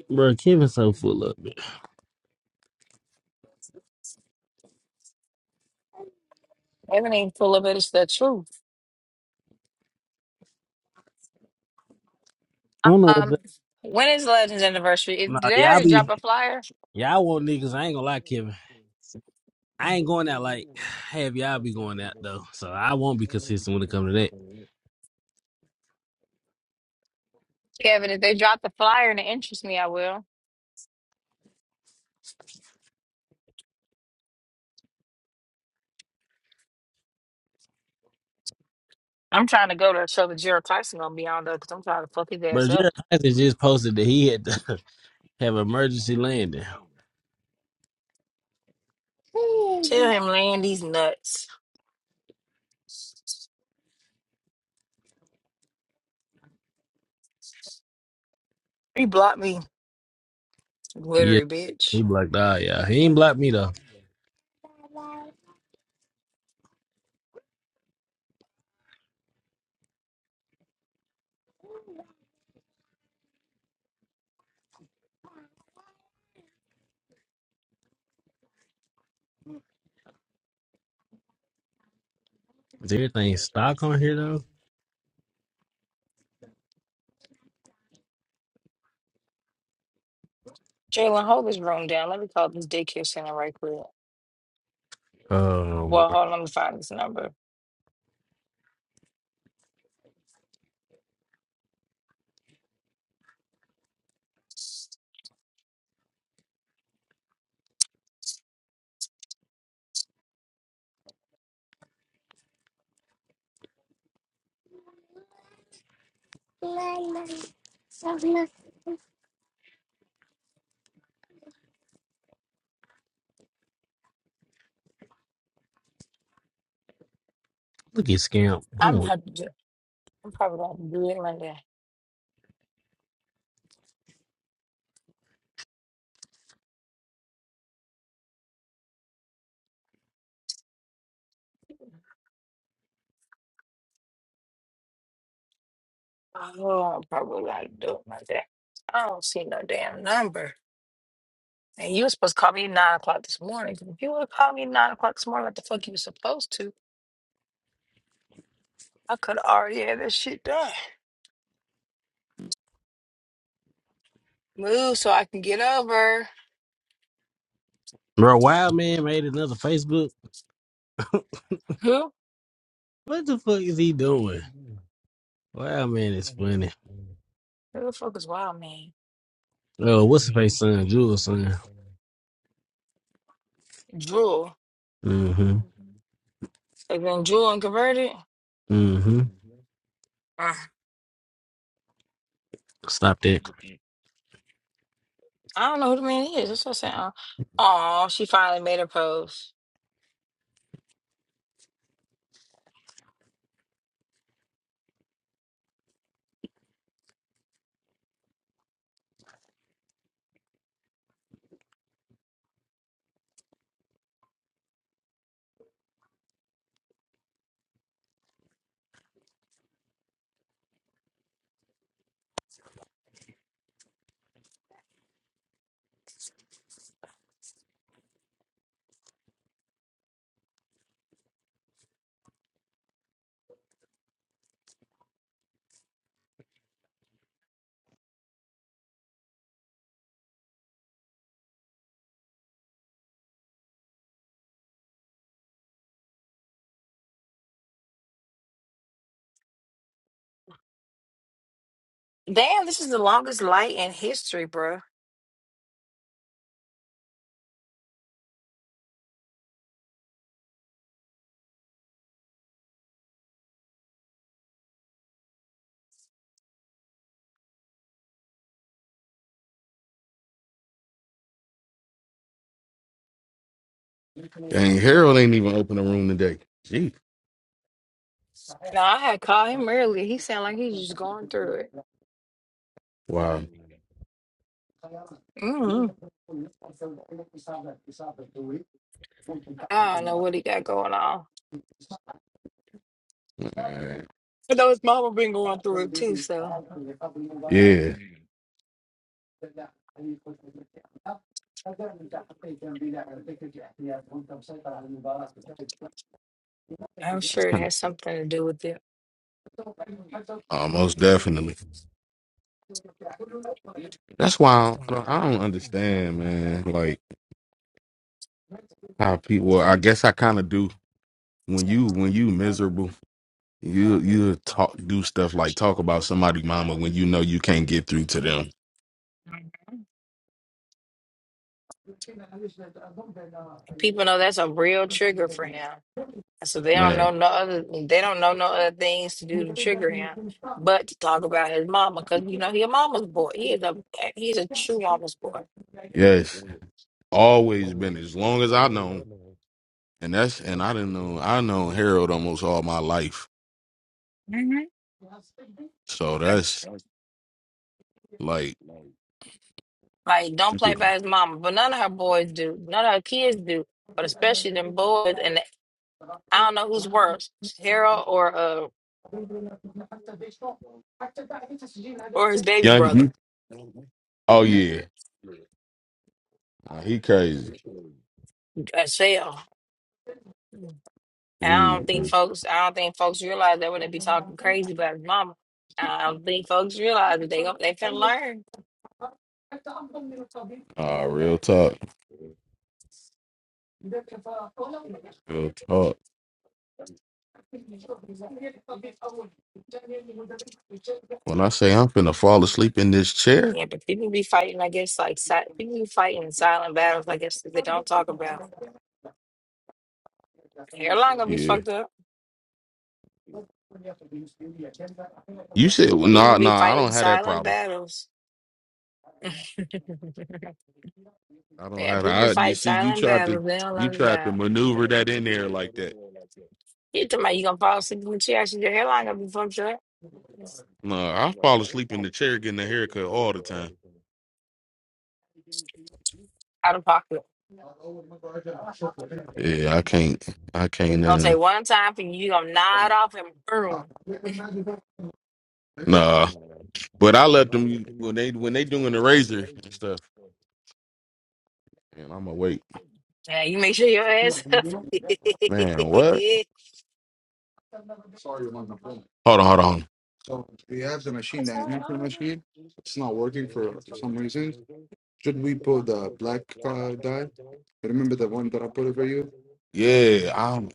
[SPEAKER 4] Bro, Kevin's so full up. man.
[SPEAKER 1] Kevin ain't full of it. It's the truth.
[SPEAKER 4] I don't know what's
[SPEAKER 1] Um,
[SPEAKER 4] up.
[SPEAKER 1] when is Legends anniversary? If-
[SPEAKER 4] Nah,
[SPEAKER 1] Did they
[SPEAKER 4] y'all
[SPEAKER 1] already drop
[SPEAKER 4] be
[SPEAKER 1] a flyer,
[SPEAKER 4] y'all want niggas. I ain't gonna lie, Kevin. I ain't going out like have y'all be going out though. So I won't be consistent when it comes to that.
[SPEAKER 1] Kevin? If they drop the flyer and it interests me, I will. I'm trying to go to a show that Gerald Tyson gonna be on though, because I'm trying to fuck his ass
[SPEAKER 4] But
[SPEAKER 1] up.
[SPEAKER 4] Jared Tyson just posted that he had to have emergency landing.
[SPEAKER 1] Tell him land these nuts. He blocked me,
[SPEAKER 4] Yeah,
[SPEAKER 1] glittery
[SPEAKER 4] he
[SPEAKER 1] bitch.
[SPEAKER 4] blocked all y'all. He ain't blocked me though. Is everything stock on here
[SPEAKER 1] Jalen, hold this room down. Let me call this daycare center right quick.
[SPEAKER 4] though?
[SPEAKER 1] Well, hold on, let me find this number.
[SPEAKER 4] Um, Look at Scamp.
[SPEAKER 1] I'm
[SPEAKER 4] I'm
[SPEAKER 1] gonna
[SPEAKER 4] with-
[SPEAKER 1] have to do, I'm probably gonna do it Monday. Oh, I'm probably gonna do it Monday. I don't see no damn number. And you were supposed to call me nine o'clock this morning. If you would have called me nine o'clock this morning, like the fuck you were supposed to, I could have already had this shit done. Move so I can get over.
[SPEAKER 4] Bro, Wild Man made another Facebook.
[SPEAKER 1] Who?
[SPEAKER 4] What the fuck is he doing? Wild Man is funny.
[SPEAKER 1] Who the fuck is Wild Man?
[SPEAKER 4] Oh, what's the face son? Jewel's son.
[SPEAKER 1] Jewel.
[SPEAKER 4] Mm-hmm.
[SPEAKER 1] And then Jewel and Converted?
[SPEAKER 4] Mm-hmm.
[SPEAKER 1] Uh,
[SPEAKER 4] Stop that.
[SPEAKER 1] I don't know who the man is. That's what I'm saying. Oh, she finally made her post. Damn, this is the longest light in history, bro.
[SPEAKER 2] Dang, Harold ain't even open a room today. Gee,
[SPEAKER 1] Now, I had called him earlier. He sounded like he's just going through it.
[SPEAKER 2] Wow.
[SPEAKER 1] mm I don't know what he got going on.
[SPEAKER 2] Man.
[SPEAKER 1] I know his mama been going through it too, so
[SPEAKER 2] Yeah,
[SPEAKER 1] I'm sure it has something to do with it.
[SPEAKER 2] almost definitely. That's why I don't, I don't understand, man. Like. How people? Well, I guess I kind of do. When you when you miserable, you you talk do stuff like talk about somebody mama when you know you can't get through to them.
[SPEAKER 1] Mm, People know that's a real trigger for him. So they don't know
[SPEAKER 2] Man,
[SPEAKER 1] no other they don't know no other things to do to trigger him but to talk about his mama because you know he a mama's boy. He is a he's a true mama's boy.
[SPEAKER 2] yes, always been as long as I know, and that's and I didn't know I know Harold almost all my life.
[SPEAKER 1] hmm
[SPEAKER 2] So that's like
[SPEAKER 1] Like don't play by his mama, but none of her boys do, none of her kids do, but especially them boys. And I don't know who's worse, Harold or uh or his baby
[SPEAKER 2] young.
[SPEAKER 1] brother,
[SPEAKER 2] you- Oh yeah, Nah, he crazy.
[SPEAKER 1] uh, Shell. And I
[SPEAKER 2] He
[SPEAKER 1] don't think folks, I don't think folks realize that when they be talking crazy about his mama, I don't think folks realize that they gon- they can learn.
[SPEAKER 2] uh, real talk, real talk. When I say I'm finna fall asleep in this chair,
[SPEAKER 1] Yeah, but people be fighting, I guess, like si people be fighting silent battles, I guess, that they don't talk about. Hairline gonna be
[SPEAKER 2] yeah.
[SPEAKER 1] fucked up.
[SPEAKER 2] You said no,
[SPEAKER 1] People
[SPEAKER 2] nah, no.
[SPEAKER 1] be
[SPEAKER 2] nah, I
[SPEAKER 1] fighting
[SPEAKER 2] don't have that
[SPEAKER 1] silent
[SPEAKER 2] problem.
[SPEAKER 1] battles.
[SPEAKER 2] I don't
[SPEAKER 1] Yeah,
[SPEAKER 2] have
[SPEAKER 1] people
[SPEAKER 2] that. I, you
[SPEAKER 1] fight
[SPEAKER 2] see, you
[SPEAKER 1] silent
[SPEAKER 2] tried to
[SPEAKER 1] battles. They don't
[SPEAKER 2] you
[SPEAKER 1] learn
[SPEAKER 2] tried to
[SPEAKER 1] about.
[SPEAKER 2] maneuver that in there like that.
[SPEAKER 1] You talking about you gonna fall asleep in the chair? Actually, your hairline gonna be fucked up. It's
[SPEAKER 2] No, I fall asleep in the chair getting a haircut all the time.
[SPEAKER 1] out of pocket. It's
[SPEAKER 2] Yeah, I can't. I can't.
[SPEAKER 1] gonna
[SPEAKER 2] Uh,
[SPEAKER 1] take one time for you. You gonna nod off and boom.
[SPEAKER 2] nah, but I let them when they when they doing the razor and stuff. And I'm awake.
[SPEAKER 1] Yeah, you make sure your ass up.
[SPEAKER 2] Man, what? Hold on, hold on.
[SPEAKER 1] What's up? All
[SPEAKER 2] Yeah, I'm.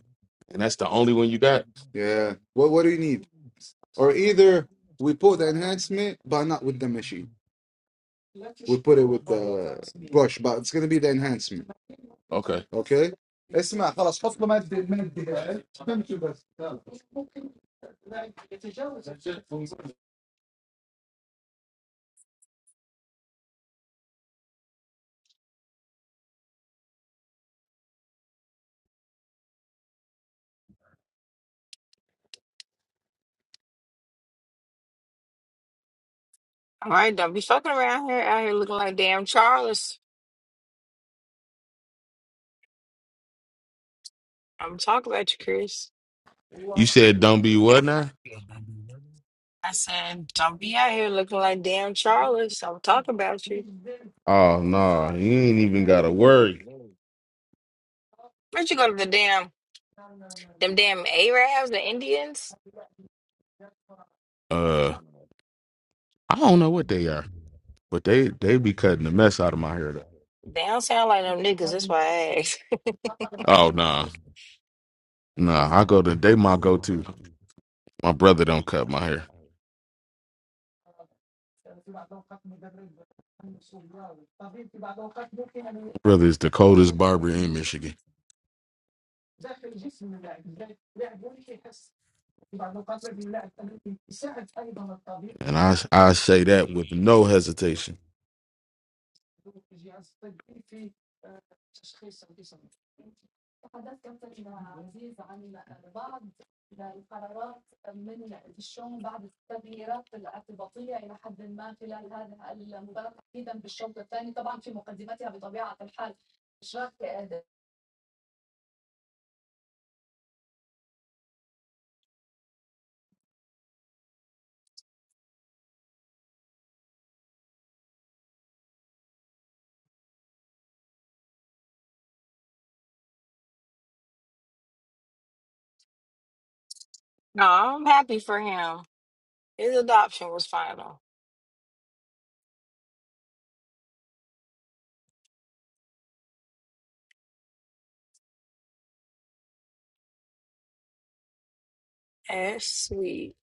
[SPEAKER 2] And that's the only one you got. Okay.
[SPEAKER 1] right, don't be fucking around here out here looking like damn Charles. I'm talking about you, Chris.
[SPEAKER 2] You said don't be what now?
[SPEAKER 1] I said, don't be out here looking like damn Charles. I'm talking about you.
[SPEAKER 2] Oh no, you ain't even gotta worry.
[SPEAKER 1] Where'd you go to the damn, them damn Arabs, the Indians?
[SPEAKER 2] Uh, I don't know what they are, but they they be cutting the mess out of my hair.
[SPEAKER 1] They don't sound like them niggas. That's why I asked.
[SPEAKER 2] Though. Oh nah, nah. I go to they my go to. My brother don't cut my hair. My brother is the coldest barber in Michigan, and I I say that with no hesitation.
[SPEAKER 1] No, I'm happy for him. His adoption was final. That's sweet.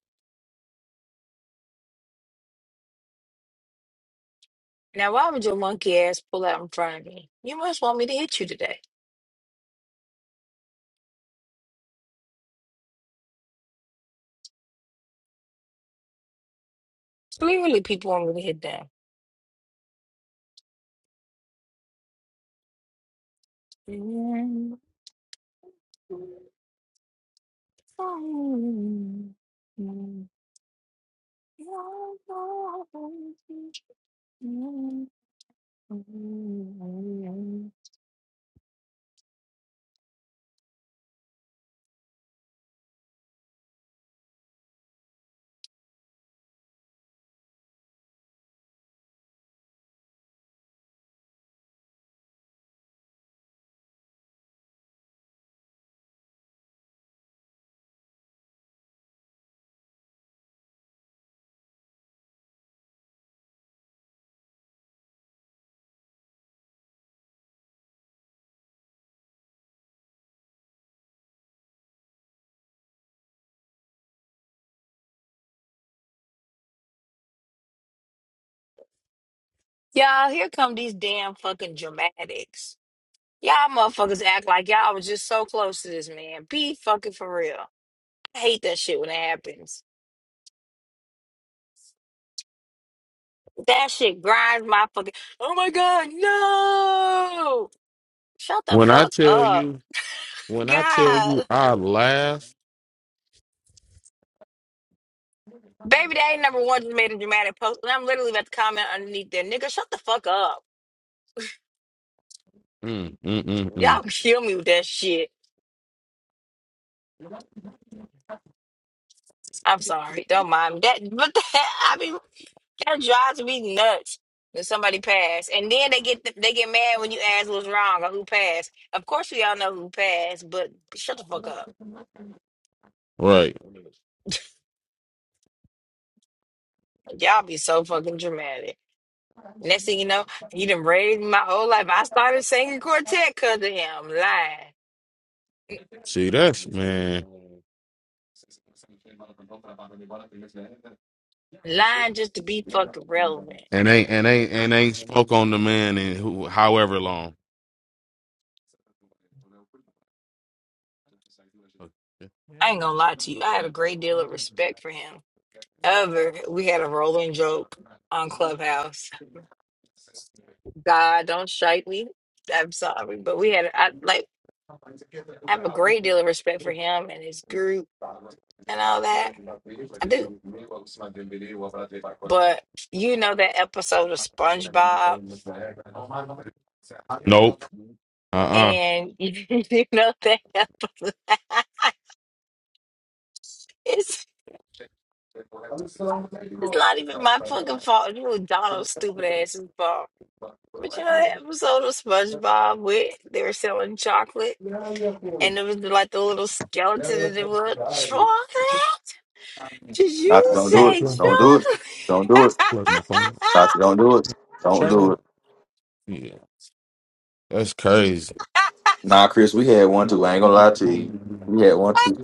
[SPEAKER 1] Now, why would your monkey ass pull out in front of me? You must want me to hit you today. Clearly, people want me to hit them. Y'all, here come these damn fucking dramatics. Y'all motherfuckers act like y'all was just so close to this man. Be fucking for real. I hate that shit when it happens. That shit grinds my fucking. Oh my god, no! Shut the
[SPEAKER 2] When I
[SPEAKER 1] fuck
[SPEAKER 2] tell
[SPEAKER 1] up,
[SPEAKER 2] you, when I tell you,
[SPEAKER 1] God.
[SPEAKER 2] I laugh.
[SPEAKER 1] Baby, that number one just made a dramatic post, and I'm literally about to comment underneath there, nigga. Shut the fuck up.
[SPEAKER 2] Mm, mm, mm, mm.
[SPEAKER 1] Y'all kill me with that shit. I'm sorry, don't mind me. that, but that I mean. That drives me nuts when somebody pass, and then they get they get mad when you ask what's wrong or who passed. Of course, we all know who passed, but shut the fuck up.
[SPEAKER 2] Right.
[SPEAKER 1] Y'all be so fucking dramatic. Next thing you know, you done raised my whole life. I started singing quartet because of him. Lying.
[SPEAKER 2] See, that's man,
[SPEAKER 1] Lying just to be fucking relevant.
[SPEAKER 2] and ain't and ain't and ain't spoke on the man in who, however long.
[SPEAKER 1] I ain't gonna lie to you. I had a great deal of respect for him. However, we had a rolling joke on Clubhouse. God, don't shite me. I'm sorry, but we had I like. I have a great deal of respect for him and his group and all that. I do. But you know that episode of SpongeBob,
[SPEAKER 2] Nope. Uh uh
[SPEAKER 1] and you know that episode. It's it's not even my fucking fault. It's really Donald's stupid ass's fault. But you know that episode of SpongeBob where they were selling chocolate, and it was like the little skeleton, and it was chocolate. Did
[SPEAKER 5] Tati,
[SPEAKER 1] you
[SPEAKER 5] don't do it.
[SPEAKER 1] say
[SPEAKER 5] Don't do it.
[SPEAKER 1] chocolate?
[SPEAKER 5] Don't do it. Tati, don't do it. Don't do it.
[SPEAKER 2] That's crazy.
[SPEAKER 5] Nah, Chris, we had one too. I ain't gonna lie to you. We had one too.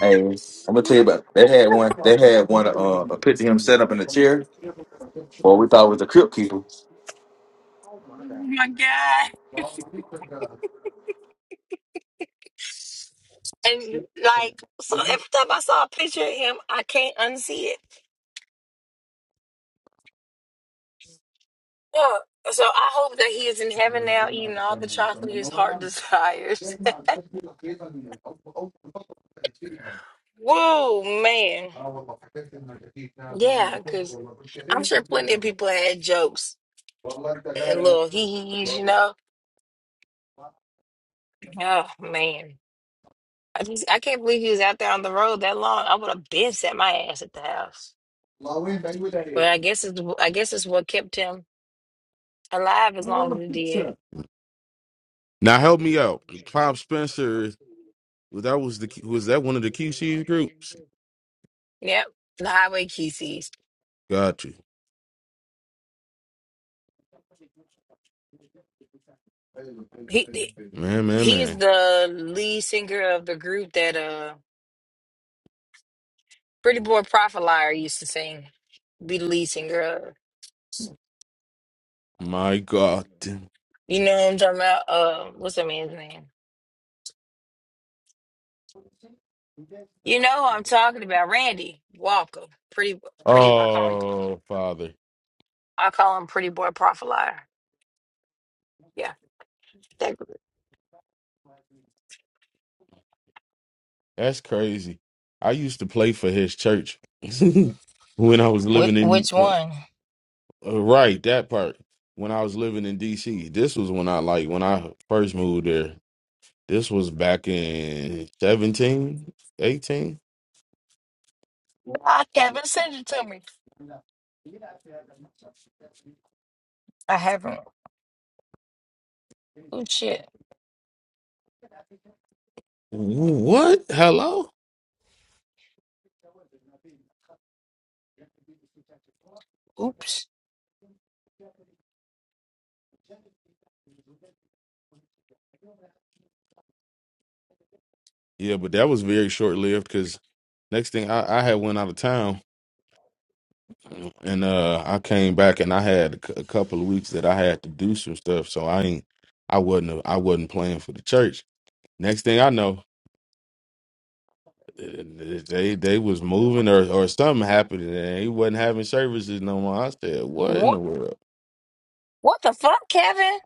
[SPEAKER 5] Hey, I'm gonna tell you
[SPEAKER 1] oh
[SPEAKER 5] about. They had one. They had one. Uh, a picture of him set up in a chair. Boy, we thought it was a crypt keeper.
[SPEAKER 6] Oh my God.
[SPEAKER 1] my god! And like, so every time I saw a picture of him, I can't unsee it. Yeah. So I hope that he is in heaven now, eating all the chocolate his heart desires. Whoa, man. Yeah, because I'm sure plenty of people had jokes and little
[SPEAKER 6] Mm.
[SPEAKER 1] hee hees, you know? Oh, man. I just, I can't believe he was out there on the road that long. I would have been sat my ass at the house. But I guess it's, I guess it's what kept him alive as long as it did.
[SPEAKER 2] Now help me out. Pop Spencer. Was That was the was that one of the QC groups?
[SPEAKER 1] Yep. The highway key sees.
[SPEAKER 2] Got you,
[SPEAKER 1] He,
[SPEAKER 2] man, man,
[SPEAKER 1] He is
[SPEAKER 2] man.
[SPEAKER 1] the lead singer of the group that uh Pretty Boy Prophet Liar used to sing. Be the lead singer of.
[SPEAKER 2] My God,
[SPEAKER 1] You know what I'm talking about? Uh what's that man's name? You know who I'm talking about. Randy Walker. Pretty pretty I call him
[SPEAKER 2] oh Father,
[SPEAKER 1] I call him Pretty Boy Prophet Liar. Yeah. That group.
[SPEAKER 2] that's crazy. I used to play for his church when I was
[SPEAKER 1] Which,
[SPEAKER 2] living in
[SPEAKER 1] which
[SPEAKER 2] when,
[SPEAKER 1] one?
[SPEAKER 2] uh, right that part when I was living in DC. This was when I like when I first moved there. This was back in seventeen, eighteen. 18.
[SPEAKER 1] I Kevin sent it to me. I haven't. Oh shit.
[SPEAKER 2] What? Hello?
[SPEAKER 1] Oops.
[SPEAKER 2] Yeah, but that was very short lived because next thing I, I had went out of town and uh I came back and I had a cou- a couple of weeks that I had to do some stuff, so I ain't I wasn't a- I wasn't playing for the church. Next thing I know, eh, they they was moving or or something happened and he wasn't having services no more. I said, what in
[SPEAKER 1] What
[SPEAKER 2] the world?
[SPEAKER 1] what the fuck, Kevin?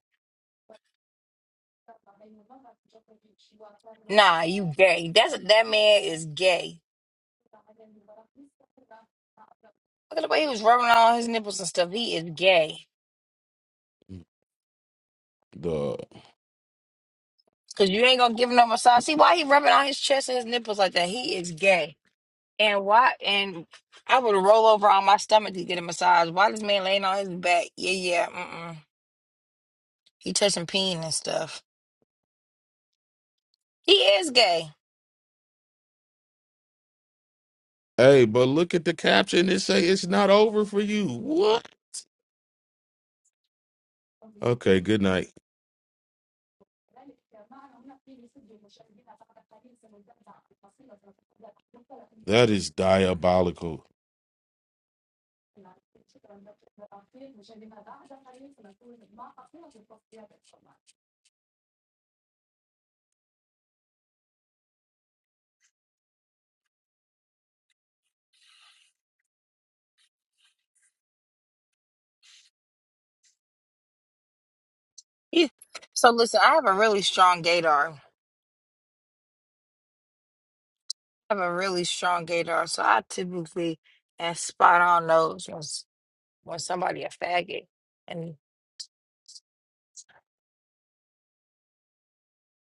[SPEAKER 1] Nah, you gay. That's that man is gay. Look at the way he was rubbing on his nipples and stuff. He is gay.
[SPEAKER 2] The
[SPEAKER 1] Cause you ain't gonna give him no massage. See why he rubbing on his chest and his nipples like that? He is gay. And why? And I would roll over on my stomach to get a massage. Why this man laying on his back? Yeah, yeah. Mm-mm. He touching peen and stuff. He is gay.
[SPEAKER 2] hey, but look at the caption. It say it's not over for you. What? Okay, good night. Right? That is diabolical.
[SPEAKER 1] He, so listen, I have a really strong gaydar. I have a really strong gaydar. So I typically am spot on those when when somebody a faggot and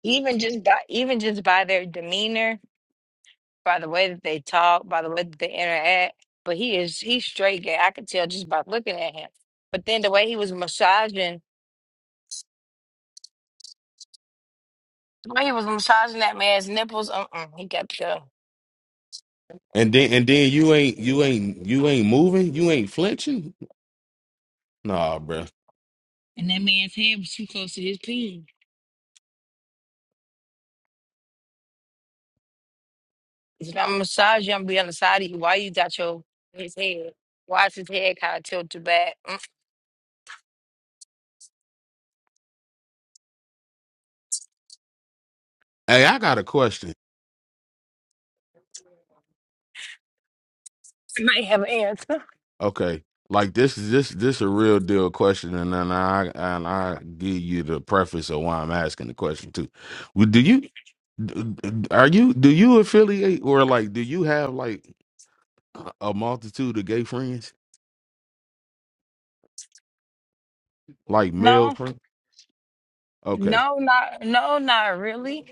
[SPEAKER 1] even just by even just by their demeanor by the way that they talk, by the way that they interact. But he is he's straight gay. I could tell just by looking at him. But then the way he was massaging, the way he was massaging that man's nipples, uh, uh he got to go.
[SPEAKER 2] And then and then you ain't you ain't you ain't moving, you ain't flinching? Nah, bruh.
[SPEAKER 1] And that man's head was too close to his pee. If I'm massaging, I'm gonna be on the side of you. Why you got your his head? Why is his head kind of tilted back? Mm,
[SPEAKER 2] Hey, I got a question.
[SPEAKER 1] I might have an answer.
[SPEAKER 2] Okay. Like this is this this a real deal question and then I and I give you the preface of why I'm asking the question too. Well, Do you d- d- are you do you affiliate or like do you have like a multitude of gay friends? Like male
[SPEAKER 1] No,
[SPEAKER 2] friends? Okay.
[SPEAKER 1] no, not no, not really.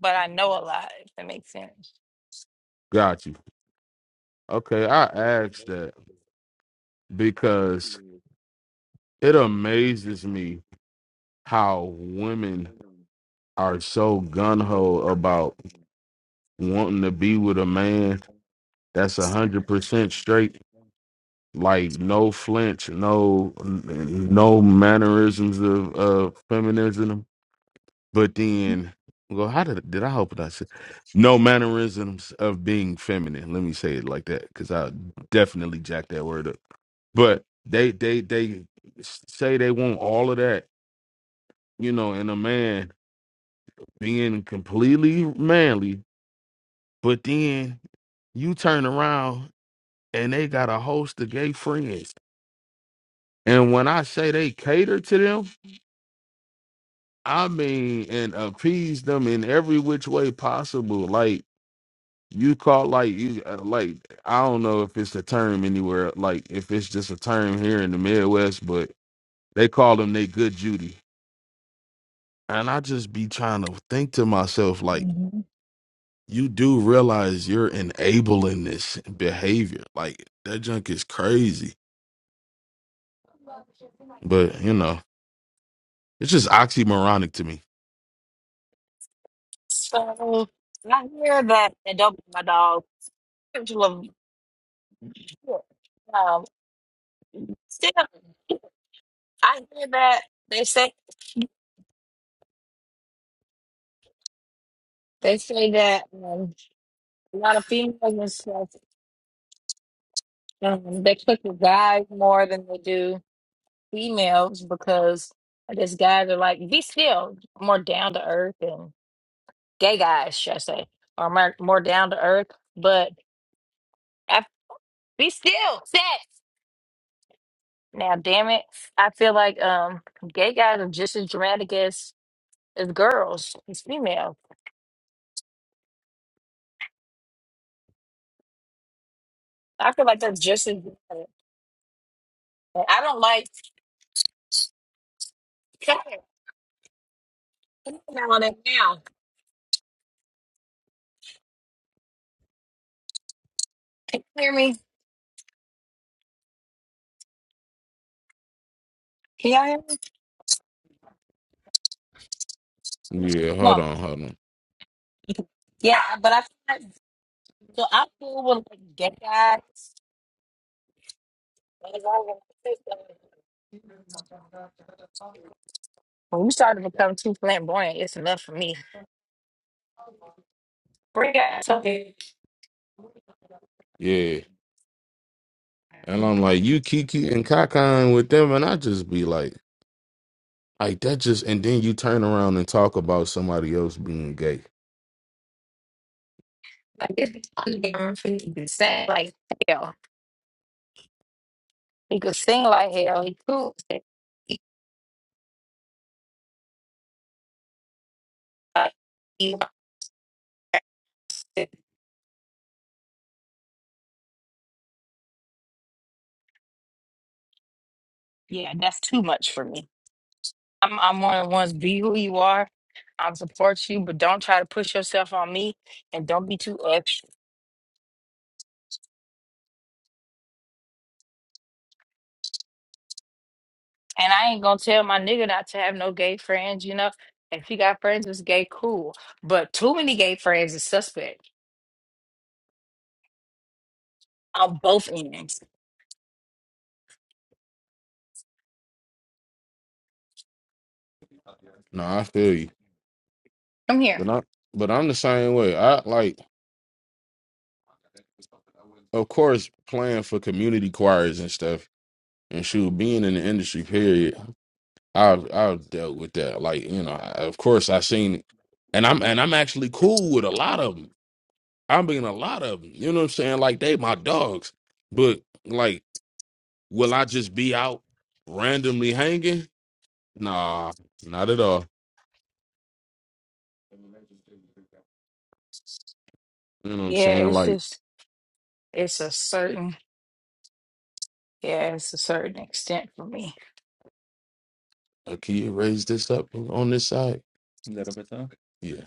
[SPEAKER 1] But I know a lot. If that makes sense.
[SPEAKER 2] Got you. Okay, I asked that because it amazes me how women are so gun ho about wanting to be with a man that's a hundred percent straight, like no flinch, no no mannerisms of, of feminism. But then, well, how did did I hope that I said no mannerisms of being feminine? Let me say it like that because I definitely jacked that word up But they they they say they want all of that, you know, in a man being completely manly, but then you turn around and they got a host of gay friends. And when I say they cater to them, I mean and appease them in every which way possible. Like you call like you uh, like I don't know if it's a term anywhere, like if it's just a term here in the Midwest, but they call them they good Judy. And I just be trying to think to myself, like, you do realize you're enabling this behavior. Like, that junk is crazy. But, you know, it's just oxymoronic to me.
[SPEAKER 1] So I hear that, and don't be my dog, Angela. Um, still, I hear that they say they say that um, a lot of females and stuff um, they cook with guys more than they do females because I guess guys are like be still more down to earth and gay guys, should I say, are more, more down to earth. But I, be still, sex. Now, damn it, I feel like um, gay guys are just as dramatic as It's girls. It's female. I feel like that's just as bad. But I don't like Come here, on on it now. Can you hear me? Can y'all hear me?
[SPEAKER 2] Yeah,
[SPEAKER 1] Come
[SPEAKER 2] hold
[SPEAKER 1] on.
[SPEAKER 2] on, hold on.
[SPEAKER 1] Yeah, but I feel like so I'm cool with like gay guys. but as long as I'm consistent, When you start to become too flamboyant, it's enough for me. Bring out something
[SPEAKER 2] Yeah. And
[SPEAKER 1] like
[SPEAKER 2] I'm like, you Kiki and Kakan with them, and I just be like, Like that just and then you turn around and talk about somebody else being gay.
[SPEAKER 1] it's on the for you to sing like hell. He could sing like hell. He cool. He- he- he, Yeah, that's too much for me. I'm I'm one of the ones. Be who you are. I support you, but don't try to push yourself on me, and don't be too extra. And I ain't gonna tell my nigga not to have no gay friends. You know, if he got friends that's gay, cool. But too many gay friends is suspect on both ends.
[SPEAKER 2] No, I feel you.
[SPEAKER 1] Come here.
[SPEAKER 2] But I but I'm the same way. I like of course playing for community choirs and stuff and shoot being in the industry period. I've I've dealt with that. Like you know, I, of course i seen, it. and I'm and I'm actually cool with a lot of them. I am being a lot of them. You know what I'm saying? Like they my dogs, but like, will I just be out randomly hanging? Nah, not at all. You know what I'm
[SPEAKER 1] Yeah,
[SPEAKER 2] saying?
[SPEAKER 1] it's
[SPEAKER 2] Like,
[SPEAKER 1] just it's a certain yeah, it's a certain extent for me.
[SPEAKER 2] uh, can you raise this up on this side? Yeah,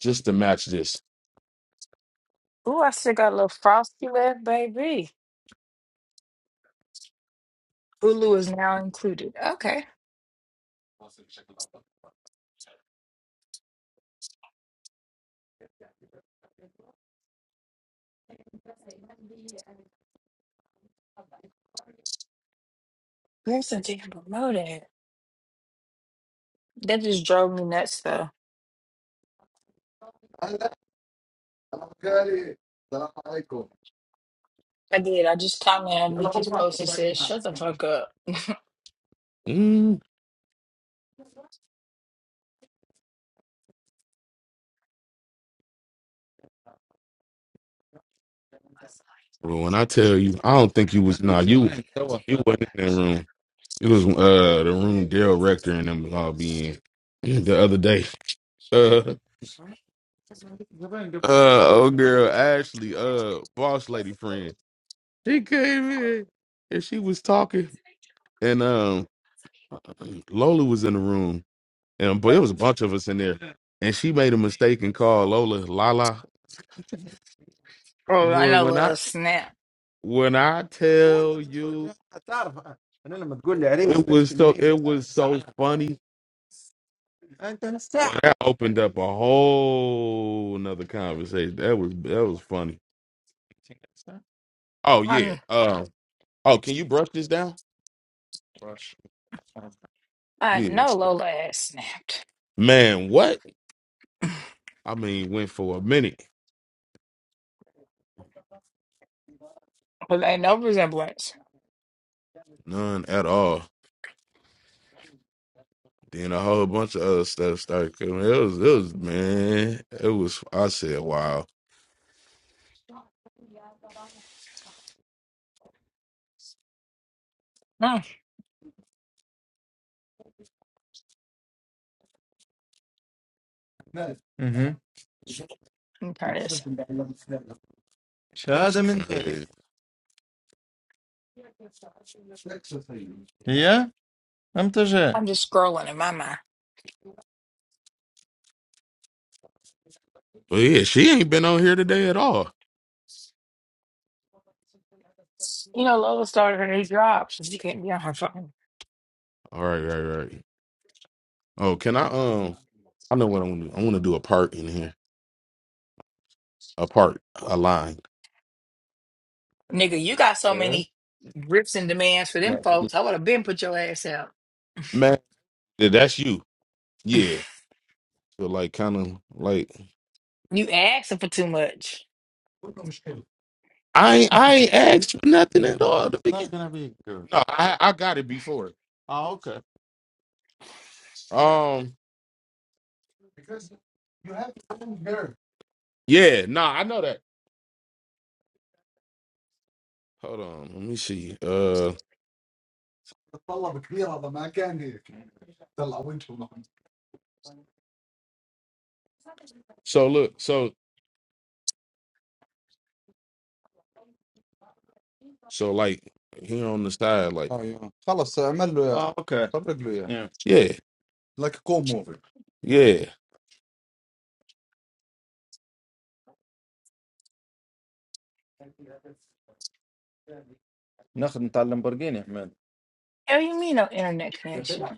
[SPEAKER 2] just to match this.
[SPEAKER 1] Ooh, I still got a little frosty left, baby. Hulu is now included. Okay, Listen, damn, promote that. That just drove me nuts though. I did. I just commented on Nika's post and said, "Shut the fuck up."
[SPEAKER 2] Mm. Bro, when I tell you, I don't think you was nah. You you wasn't in that room. It was uh the room Dale Rector and them was all being the other day. Uh, uh oh girl, Ashley, uh boss lady friend. She came in and she was talking and um Lola was in the room and but it was a bunch of us in there. And she made a mistake and called Lola Lala.
[SPEAKER 1] Oh, I
[SPEAKER 2] Boy,
[SPEAKER 1] know
[SPEAKER 2] when
[SPEAKER 1] Lola
[SPEAKER 2] I
[SPEAKER 1] snapped.
[SPEAKER 2] when I tell you it was so it was so funny. Well, that opened up a whole another conversation. That was that was funny. Oh
[SPEAKER 1] I,
[SPEAKER 2] yeah.
[SPEAKER 1] kn-
[SPEAKER 2] Um. Oh, can you brush this down? Brush.
[SPEAKER 1] I
[SPEAKER 2] Yeah.
[SPEAKER 1] know Lola has snapped,
[SPEAKER 2] Man, what? I mean, went for a minute,
[SPEAKER 1] but ain't no resemblance.
[SPEAKER 2] none at all. Then a whole bunch of other stuff started coming. It was, it was, man. It was. I said, wow.
[SPEAKER 1] Hmm. There it is. I'm just scrolling in my mind.
[SPEAKER 2] But yeah, she ain't been on here today at all.
[SPEAKER 1] You know, Lola started her new job, so she can't be on her phone.
[SPEAKER 2] All right, right, right. Oh, can I? Um, I know what I want to. I want to do a part in here. A part, a line.
[SPEAKER 1] Nigga, you got so many rips and demands for them folks. I would have been put your ass out.
[SPEAKER 2] Yeah, that's you. Yeah. So like kind of like
[SPEAKER 1] You asking for too much.
[SPEAKER 2] I ain't I ain't asked you nothing at all to begin. Not No, I I got it before. Oh, okay. Um yeah, nah, I know that. Hold on, let me see. Uh so look, so so like here on the side, like uh yeah, yeah,
[SPEAKER 1] Hell, you mean no internet connection?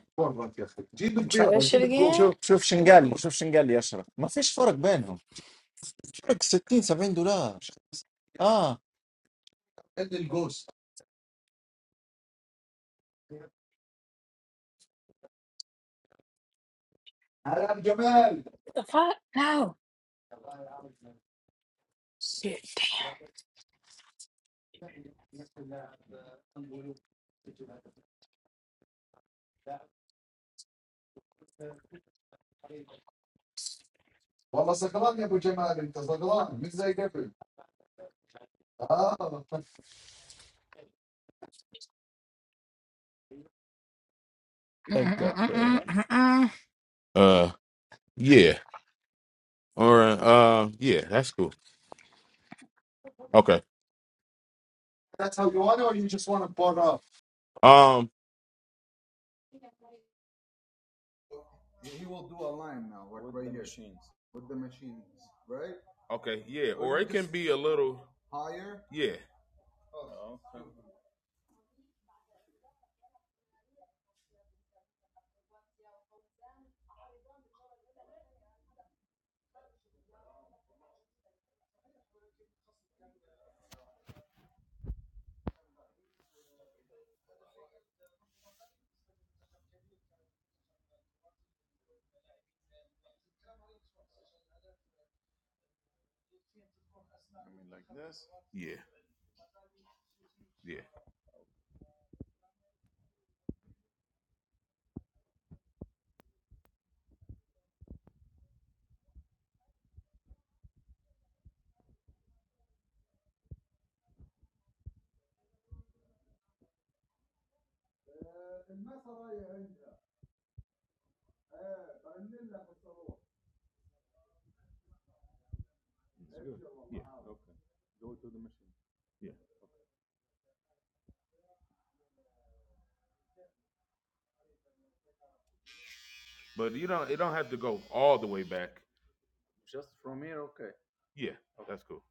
[SPEAKER 1] I'm try that shit again. What the fuck? No. Shit. Damn. Mm-mm-mm-mm-mm-mm.
[SPEAKER 2] uh yeah. Or uh yeah, that's cool. Okay. Um okay, yeah, or it can be a little Yeah. yeah, yeah, yeah. But you don't. It don't have to go all the way back. Yeah, Okay. that's cool.